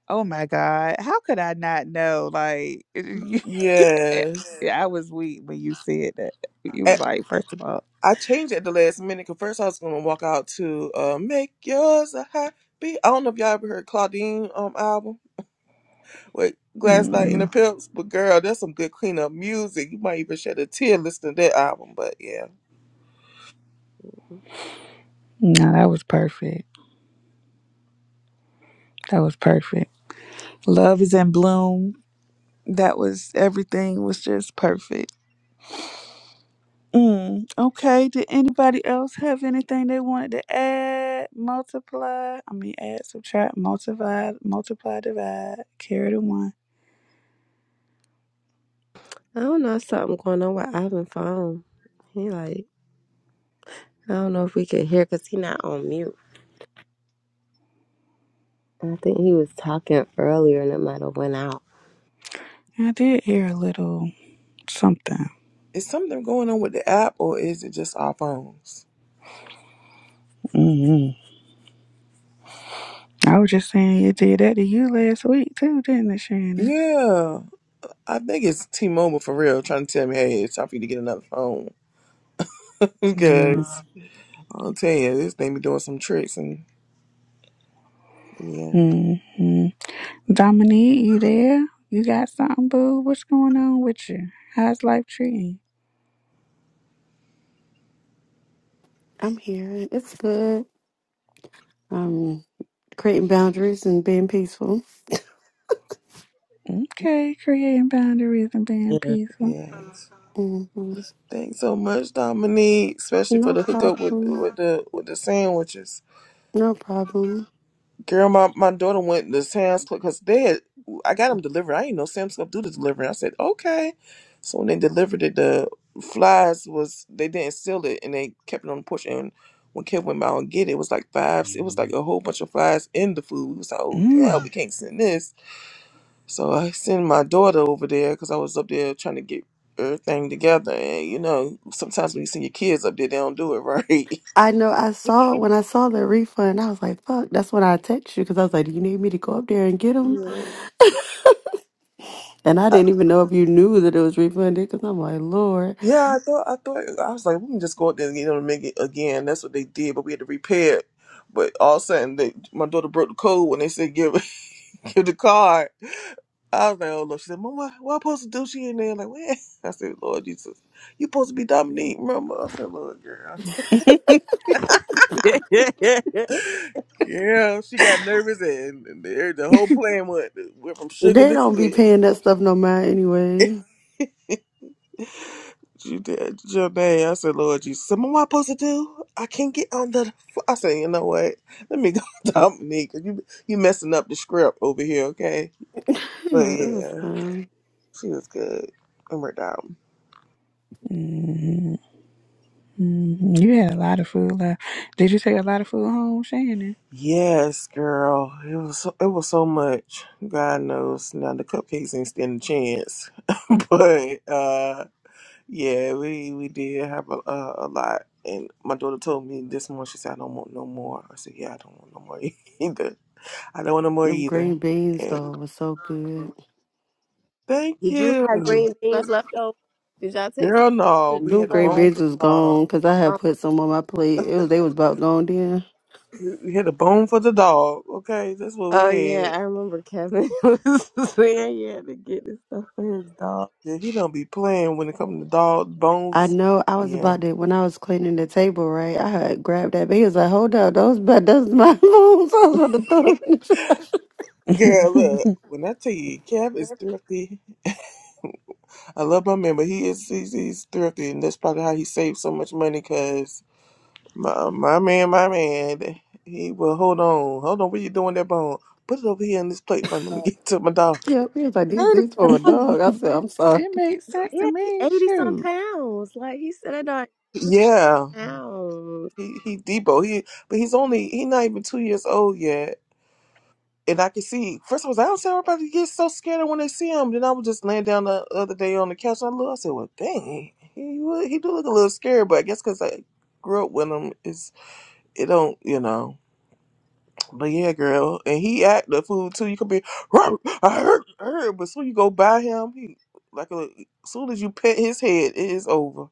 oh my God, how could I not know? Like, [laughs] you- yes. yeah, I was weak when you said that. You And was like, first of all, I changed it at the last minute because first I was gonna walk out to uh, "Make Yours a Happy." I don't know if y'all ever heard Claudine um album with Glass Knight and the mm Pimps, but girl, that's some good cleanup music. You might even shed a tear listening to that album. But yeah. no, that was perfect. That was perfect. Love is in bloom that was everything was just perfect. Mm, okay. Did anybody else have anything they wanted to add, multiply? I mean, add, subtract, multiply, multiply, divide, carry the one. don't know something going on with Ivan phone. He like I don't know if we could hear because he not on mute. I think he was talking earlier and it might have went out. I did hear a little something. Is something going on with the app or is it just our phones? hmm I was just saying you did that to you last week too, didn't it, Shannon? Yeah, I think it's T Mobile for real trying to tell me, hey, it's time for you to get another phone. [laughs] Because I'll tell you, this thing be doing some tricks and yeah, Mm-hmm. Dominique, you there? You got something, boo? What's going on with you? How's life treating you? I'm here. It's good. Um, creating boundaries and being peaceful. Okay, creating boundaries and being Yeah. peaceful. yes. Mhm. Thanks so much, Dominique, especially for No the hookup with problem. with the with the sandwiches. No problem. Girl, my, my daughter went to Sam's Club because they had, I got them delivered. I ain't know Sam's Club do the delivery. I said, okay. So when they delivered it, the flies was, they didn't seal it and they kept it on the porch. And when Kid went by and get it, it was like five, it was like a whole bunch of flies in the food. We was like, oh, hell, we Mm. can't send this. So I sent my daughter over there because I was up there trying to get everything together. And, you know, sometimes when you send your kids up there, they don't do it right. I know I saw when I saw the refund, I was like, fuck, that's when I text you because I was like, do you need me to go up there and get them? [laughs] And I Yeah. didn't even know if you knew that it was refunded because I'm like, Lord, Yeah, I thought I thought I was like, we can just go out there and get them to make it again. That's what they did, but we had to repair it. But all of a sudden, they, my daughter broke the code when they said give [laughs] give the card. I was like, oh look, she said, Mom, what, what I supposed to do? She in there like, what? [laughs] I said, Lord Jesus, you supposed to be Dominique, Mama. I said, Lord, girl. [laughs] [laughs] Yeah, she got nervous and, and the, the whole plan went went from sugar they don't be to paying that stuff no matter shit. anyway. [laughs] You did, your Janae. I said, Lord Jesus, so what am I supposed to do? I can't get on the. I said, you know what? Let me go, [laughs] Dominique. 'cause You you messing up the script over here, okay? [laughs] But Yeah, it was yeah, fun. she was good. And we're down. mm mm You had a lot of food left. Did you take a lot of food home, Shannon? Yes, girl. It was so, it was so much. God knows now the cupcakes ain't stand a chance. [laughs] but uh, yeah, we we did have a, a a lot. And my daughter told me this morning. She said, I don't want no more. I said, Yeah, I don't want no more [laughs] either. I don't want no more Them either. green beans, though, And was so good. thank Did you you. have green beans left over? Did y'all take Girl, some? no. We Them had a green Oh. bone beans for the was dog. gone because I had Um, put some on my plate. It was, they was about gone then. We we had a bone for the dog. Okay, that's what we oh yeah, had. I remember Kevin [laughs] was saying he had to get his stuff for his dog. Yeah, he don't be playing when it comes to dog I bones. know I was Yeah. about to when I was cleaning the table, right? I had grabbed that, but he was like, "Hold up, those but those my [laughs] bones." I was about to throw them in the trash. [laughs] [laughs] Girl, look. it When I tell you, Kev is thrifty. I love my man, but he is he's, he's thrifty, and that's probably how he saves so much money. Cause my my man, my man, he will hold on, hold on. What you doing that bone? Put it over here on this plate for me. Let me get to my dog. Yeah, he was like, Hey, "These these the for a dog, dog." I said, "I'm sorry." makes sense to yeah, he me. eighty some Shoot, pounds. Like he said, that dog Yeah. pounds. He he Debo. He but he's only he not even two years old yet. And I can see first of all, I don't see everybody gets so scared when they see him. Then I was just laying down the other day on the couch. And I look, I said, well, dang, he he would- he do look a little scared, but I guess because I grew up with him, it's it don't you know. But yeah, girl, and he act the food too. You could be, "Ruh, I heard, I heard, but soon you go by him, he like a, soon as you pet his head, it is over.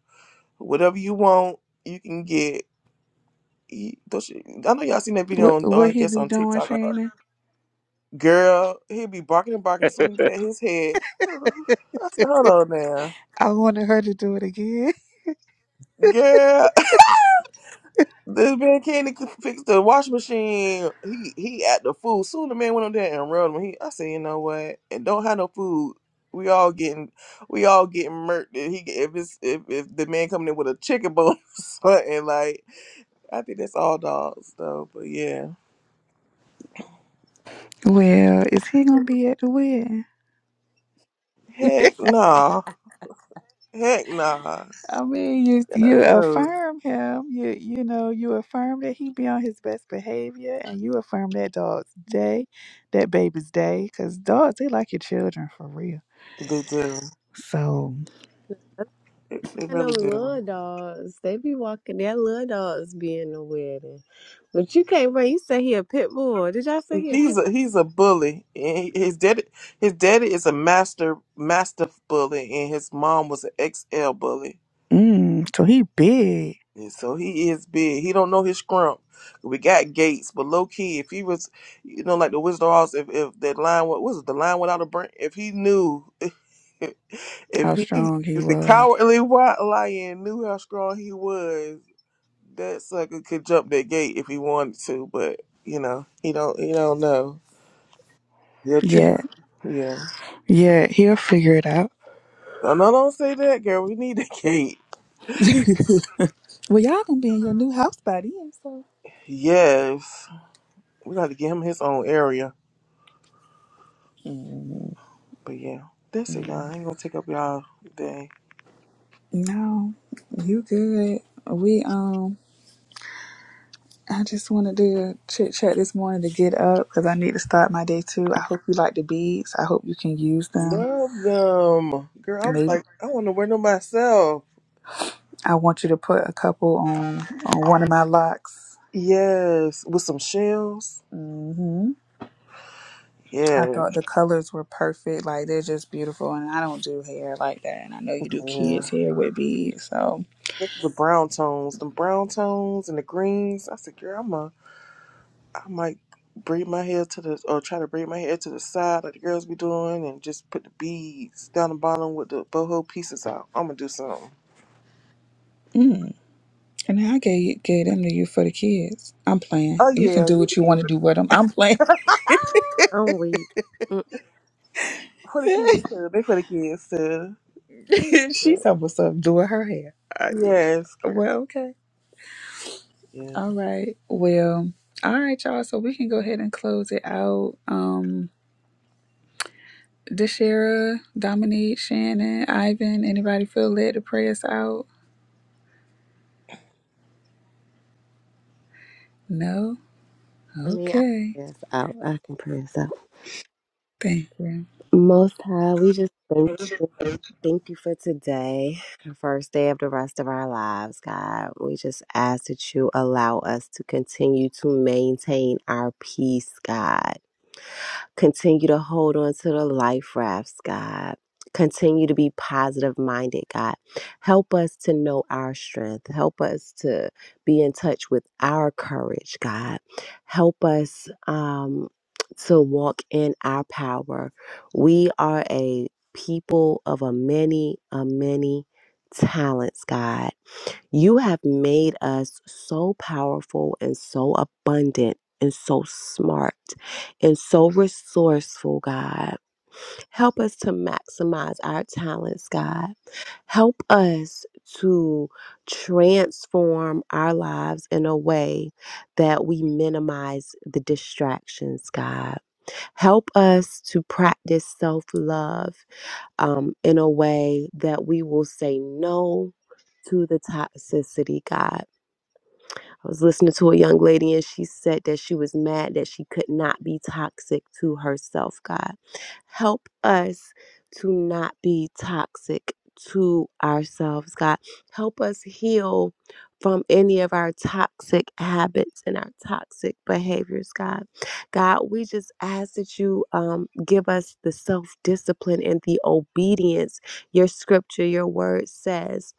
Whatever you want, you can get. He, don't I know y'all seen that video what on, oh, what I he guess be on doing, TikTok. Uh, Shannon? girl, he be barking and barking. Soon as he pat his head, [sighs] I said, "Hold on now, I wanted her to do it again. [laughs] girl." [laughs] This man can't even fix the washing machine. He he at the food. Soon the man went on there and rubbed him. He, I said, "You know what? And don't have no food. We all getting we all getting murked. If he get- if it's if, if the man coming in with a chicken bone [laughs] or something like, I think that's all dogs though. But yeah, Well, is he gonna be at the wedding? heck nah, heck nah, I mean, you you no." affirm him. You you know you affirm that he be on his best behavior, and you affirm that dog's day, that baby's day, because dogs they like your children for real. They do. So, They they And really them little do. dogs, they be walking. That little dogs be in the wedding, but you can't bring. You say he a pit bull. Did y'all say he a He's pit? a he's a bully. And he- His daddy his daddy is a master master bully, and his mom was an XL bully. mm, so he big. And so he is big. He don't know his scrump. We got Gates, but low key, if he was, you know, like the Wizard of Oz, if if that line wa- what was it, the line without a brain, if he knew, [laughs] if How he strong he if the was. cowardly white lion knew how strong he was, That sucker could jump that gate if he wanted to, but you know, he don't he don't know. He'll trip. Yeah, Yeah. yeah, he'll figure it out. No, no, don't say that, girl. We need that [laughs] gate. [laughs] well, y'all gonna be in your new house by then, so. Yes. We gotta give him his own area. Mm, But yeah. That's it, y'all. I ain't gonna take up y'all day. No, you good. We um. I just wanted to chit chat this morning to get up because I need to start my day too. I hope you like the beads. I hope you can use them. Love them. Girl, I was Maybe like, I wanna wear them myself. I want you to put a couple on on one of my locks. Yes. With some shells. hmm Yes. I Yeah. thought the colors were perfect. Like they're just beautiful, and I don't do hair like that. And I know you do kids' The hair with beads, so. brown tones, the brown tones and the greens. I said, girl, I'm a I might braid my hair to the or try to braid my hair to the side like the girls be doing and just put the beads down the bottom with the boho pieces out. I'm gonna do something. Mm. And I gave gave them to you for the kids. I'm playing. Oh You can yeah, do you what you did. want to do with them. I'm playing. I'm weak. Mm, For the [laughs] kids too. They for the kids too. Yeah. She's almost up doing her hair. I, Yes, girl. well, okay. Yeah. All right. Well, all right, y'all. So we can go ahead and close it out. Um, Deshera, Dominique, Shannon, Ivan, anybody feel led to pray us out? No? I mean, I can Okay. press out. I can press out. Thank you. Most High, we just thank you. Thank you for today, the first day of the rest of our lives, God. We just ask that you allow us to continue to maintain our peace, God. Continue to hold on to the life rafts, God. Continue to be positive minded, God. Help us to know our strength. Help us to be in touch with our courage, God. Help us um, to walk in our power. We are a people of a many, a many talents, God you have made us so powerful and so abundant and so smart and so resourceful, God. Help us to maximize our talents, God. Help us to transform our lives in a way that we minimize the distractions, God. Help us to practice self love um, in a way that we will say no to the toxicity, God I was listening to a young lady and she said that she was mad that she could not be toxic to herself, God. Help us to not be toxic to ourselves, God. Help us heal from any of our toxic habits and our toxic behaviors, God. God, we just ask that you um, give us the self discipline and the obedience. Your scripture, your word says,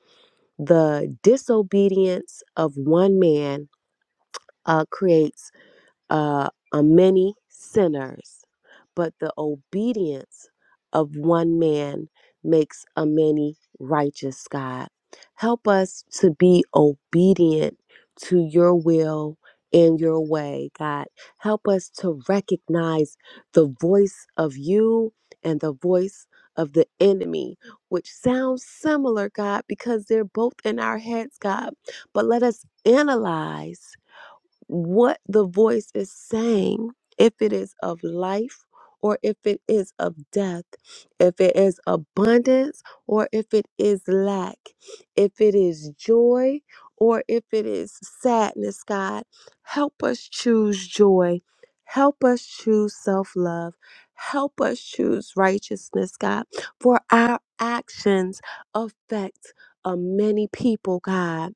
the disobedience of one man uh, creates uh, a many sinners, but the obedience of one man makes a many righteous, God. Help us to be obedient to your will and your way, God. Help us to recognize the voice of you and the voice of the enemy, which sounds similar, God, because they're both in our heads, God. But let us analyze what the voice is saying, if it is of life or if it is of death, if it is abundance or if it is lack, if it is joy or if it is sadness, God, help us choose joy. Help us choose self love. Help us choose righteousness, God, for our actions affect uh, many people, God.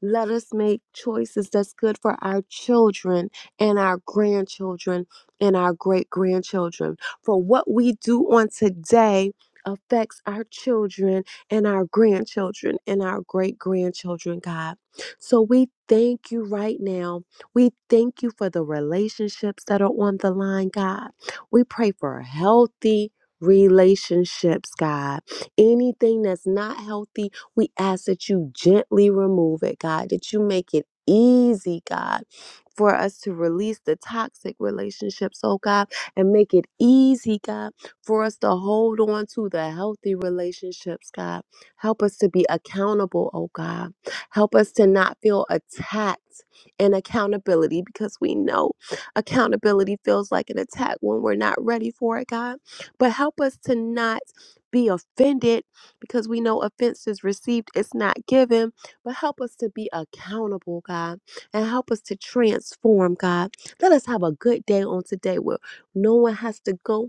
Let us make choices that's good for our children and our grandchildren and our great grandchildren. For what we do on today affects our children and our grandchildren and our great grandchildren, God. So we thank you right now. We thank you for the relationships that are on the line, God. We pray for healthy relationships, God. Anything that's not healthy, we ask that you gently remove it, God, that you make it easy, God. For us to release the toxic relationships, oh God, and make it easy, God, for us to hold on to the healthy relationships, God. Help us to be accountable, oh God. Help us to not feel attacked in accountability because we know accountability feels like an attack when we're not ready for it, God. But help us to not be offended because we know offense is received, it's not given. But help us to be accountable, God, and help us to transform, God. Let us have a good day on today where no one has to go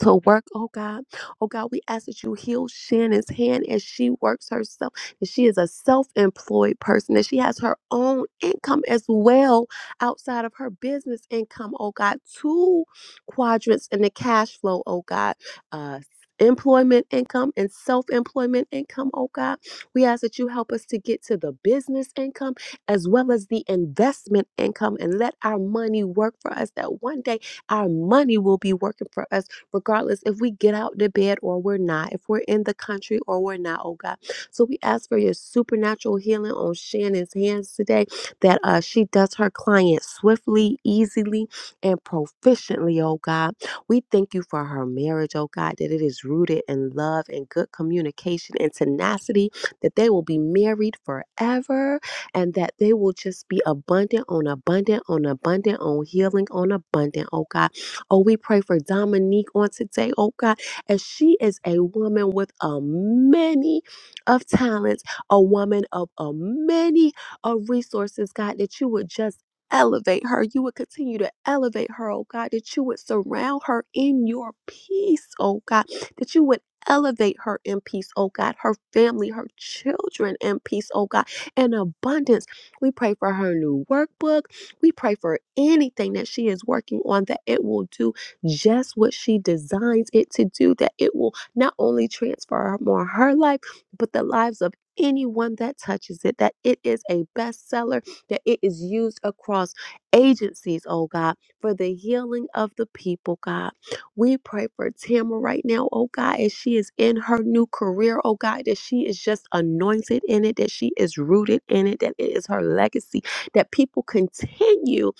to work, oh God. Oh God, we ask that you heal Shannon's hand as she works herself, that she is a self employed person, that she has her own income as well outside of her business income, oh God. Two quadrants in the cash flow, oh God. Uh, Employment income and self employment income, oh God. We ask that you help us to get to the business income as well as the investment income and let our money work for us, that one day our money will be working for us regardless if we get out to bed or we're not, if we're in the country or we're not, oh God. So we ask for your supernatural healing on Shannon's hands today that uh, she does her client swiftly, easily, and proficiently, oh God. We thank you for her marriage, oh God, that it is rooted in love and good communication and tenacity, that they will be married forever and that they will just be abundant on abundant on abundant on healing on abundant, oh God Oh, we pray for Dominique on today, oh God, as she is a woman with a many of talents, a woman of a many of resources, God, that you would just elevate her. You would continue to elevate her, oh God, that you would surround her in your peace, oh God, that you would elevate her in peace, oh God, her family, her children in peace, oh God, in abundance. We pray for her new workbook. We pray for anything that she is working on that it will do just what she designs it to do, that it will not only transfer more her life, but the lives of anyone that touches it, that it is a bestseller, that it is used across agencies, oh God, for the healing of the people, God. We pray for Tamara right now, oh God, as she is in her new career, oh God, that she is just anointed in it, that she is rooted in it, that it is her legacy that people continue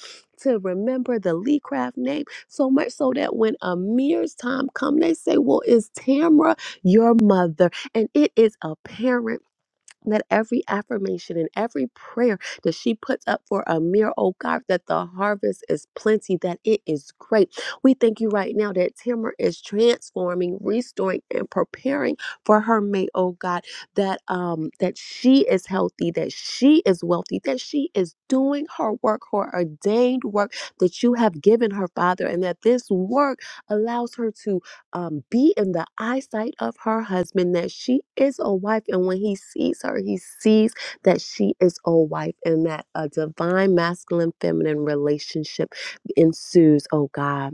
to remember the Lee Craft name so much so that when Amir's time come, they say, "Well, is Tamra your mother?" And it is apparent that every affirmation and every prayer that she puts up for Amir, oh God, that the harvest is plenty, that it is great. We thank you right now that Tamara is transforming, restoring, and preparing for her mate, oh God, that um that she is healthy, that she is wealthy, that she is doing her work, her ordained work that you have given her, Father, and that this work allows her to um, be in the eyesight of her husband, that she is a wife. And when he sees her, he sees that she is a wife and that a divine masculine feminine relationship ensues, oh God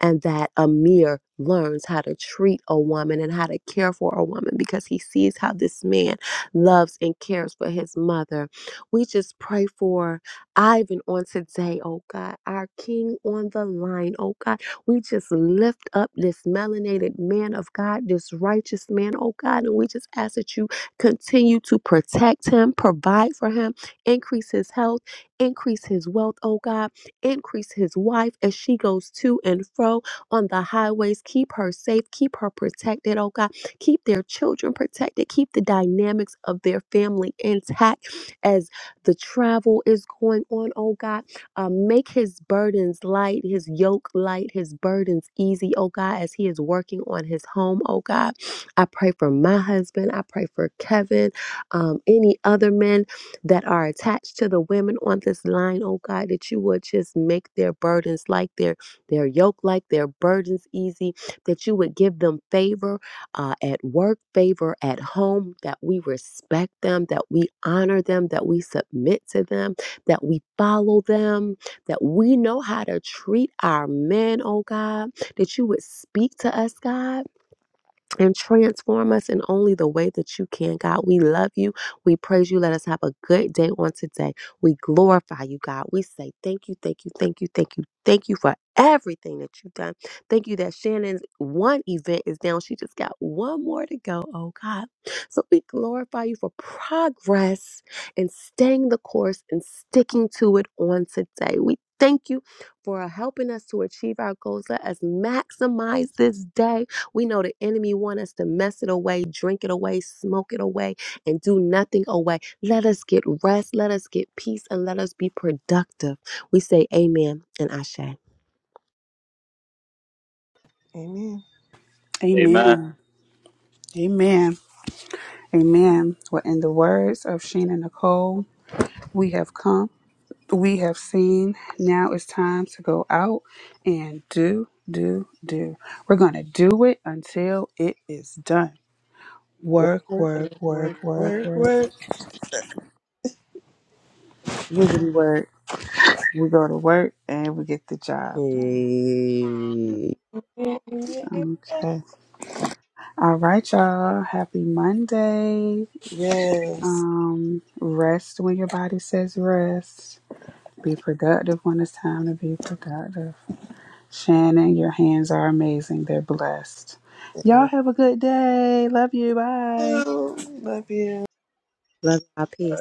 and that Amir learns how to treat a woman and how to care for a woman because he sees how this man loves and cares for his mother. We just pray for Ivan on today, oh God, our king on the line, oh God. We just lift up this melanated man of God, this righteous man, oh God, and we just ask that you continue to protect him, provide for him, increase his health, increase his wealth, oh God Increase his wife as she goes to and fro on the highways. Keep her safe. Keep her protected, oh God. Keep their children protected. Keep the dynamics of their family intact as the travel is going on, oh God. Uh, make his burdens light, his yoke light, his burdens easy, oh God, as he is working on his home, oh God. I pray for my husband. I pray for Kevin, um, any other men that are attached to the women on this line, oh God, that you would just make their burdens like their their yoke like their burdens easy, that you would give them favor uh, at work, favor at home, that we respect them, that we honor them, that we submit to them, that we follow them, that we know how to treat our men, oh God, that you would speak to us, God and transform us in only the way that you can, God. We love you. We praise you. Let us have a good day on today. We glorify you, God. We say thank you, thank you, thank you, thank you, thank you for everything that you've done. Thank you that Shannon's one event is down. She just got one more to go, oh God. So we glorify you for progress and staying the course and sticking to it on today. We thank you for helping us to achieve our goals. Let us maximize this day we know the enemy want us to mess it away, drink it away, smoke it away, and do nothing away. Let us get rest, let us get peace, and let us be productive. We say amen and ashe. Amen. Amen. Amen. Amen. Amen. Well, in the words of Sheena Nicole, we have come, we have seen. Now it's time to go out and do, do, do. We're going to do it until it is done. Work, Work, work, work, work, work, work, work. work, Wiggity work. We go to work and we get the job Hey. work. done. Okay. All right, y'all. Happy Monday. Yes. Um, rest when your body says rest. Be productive when it's time to be productive. Shannon, your hands are amazing. They're blessed. Amen. Y'all have a good day. Love you. Bye. Oh, love you. Love y'all. Peace.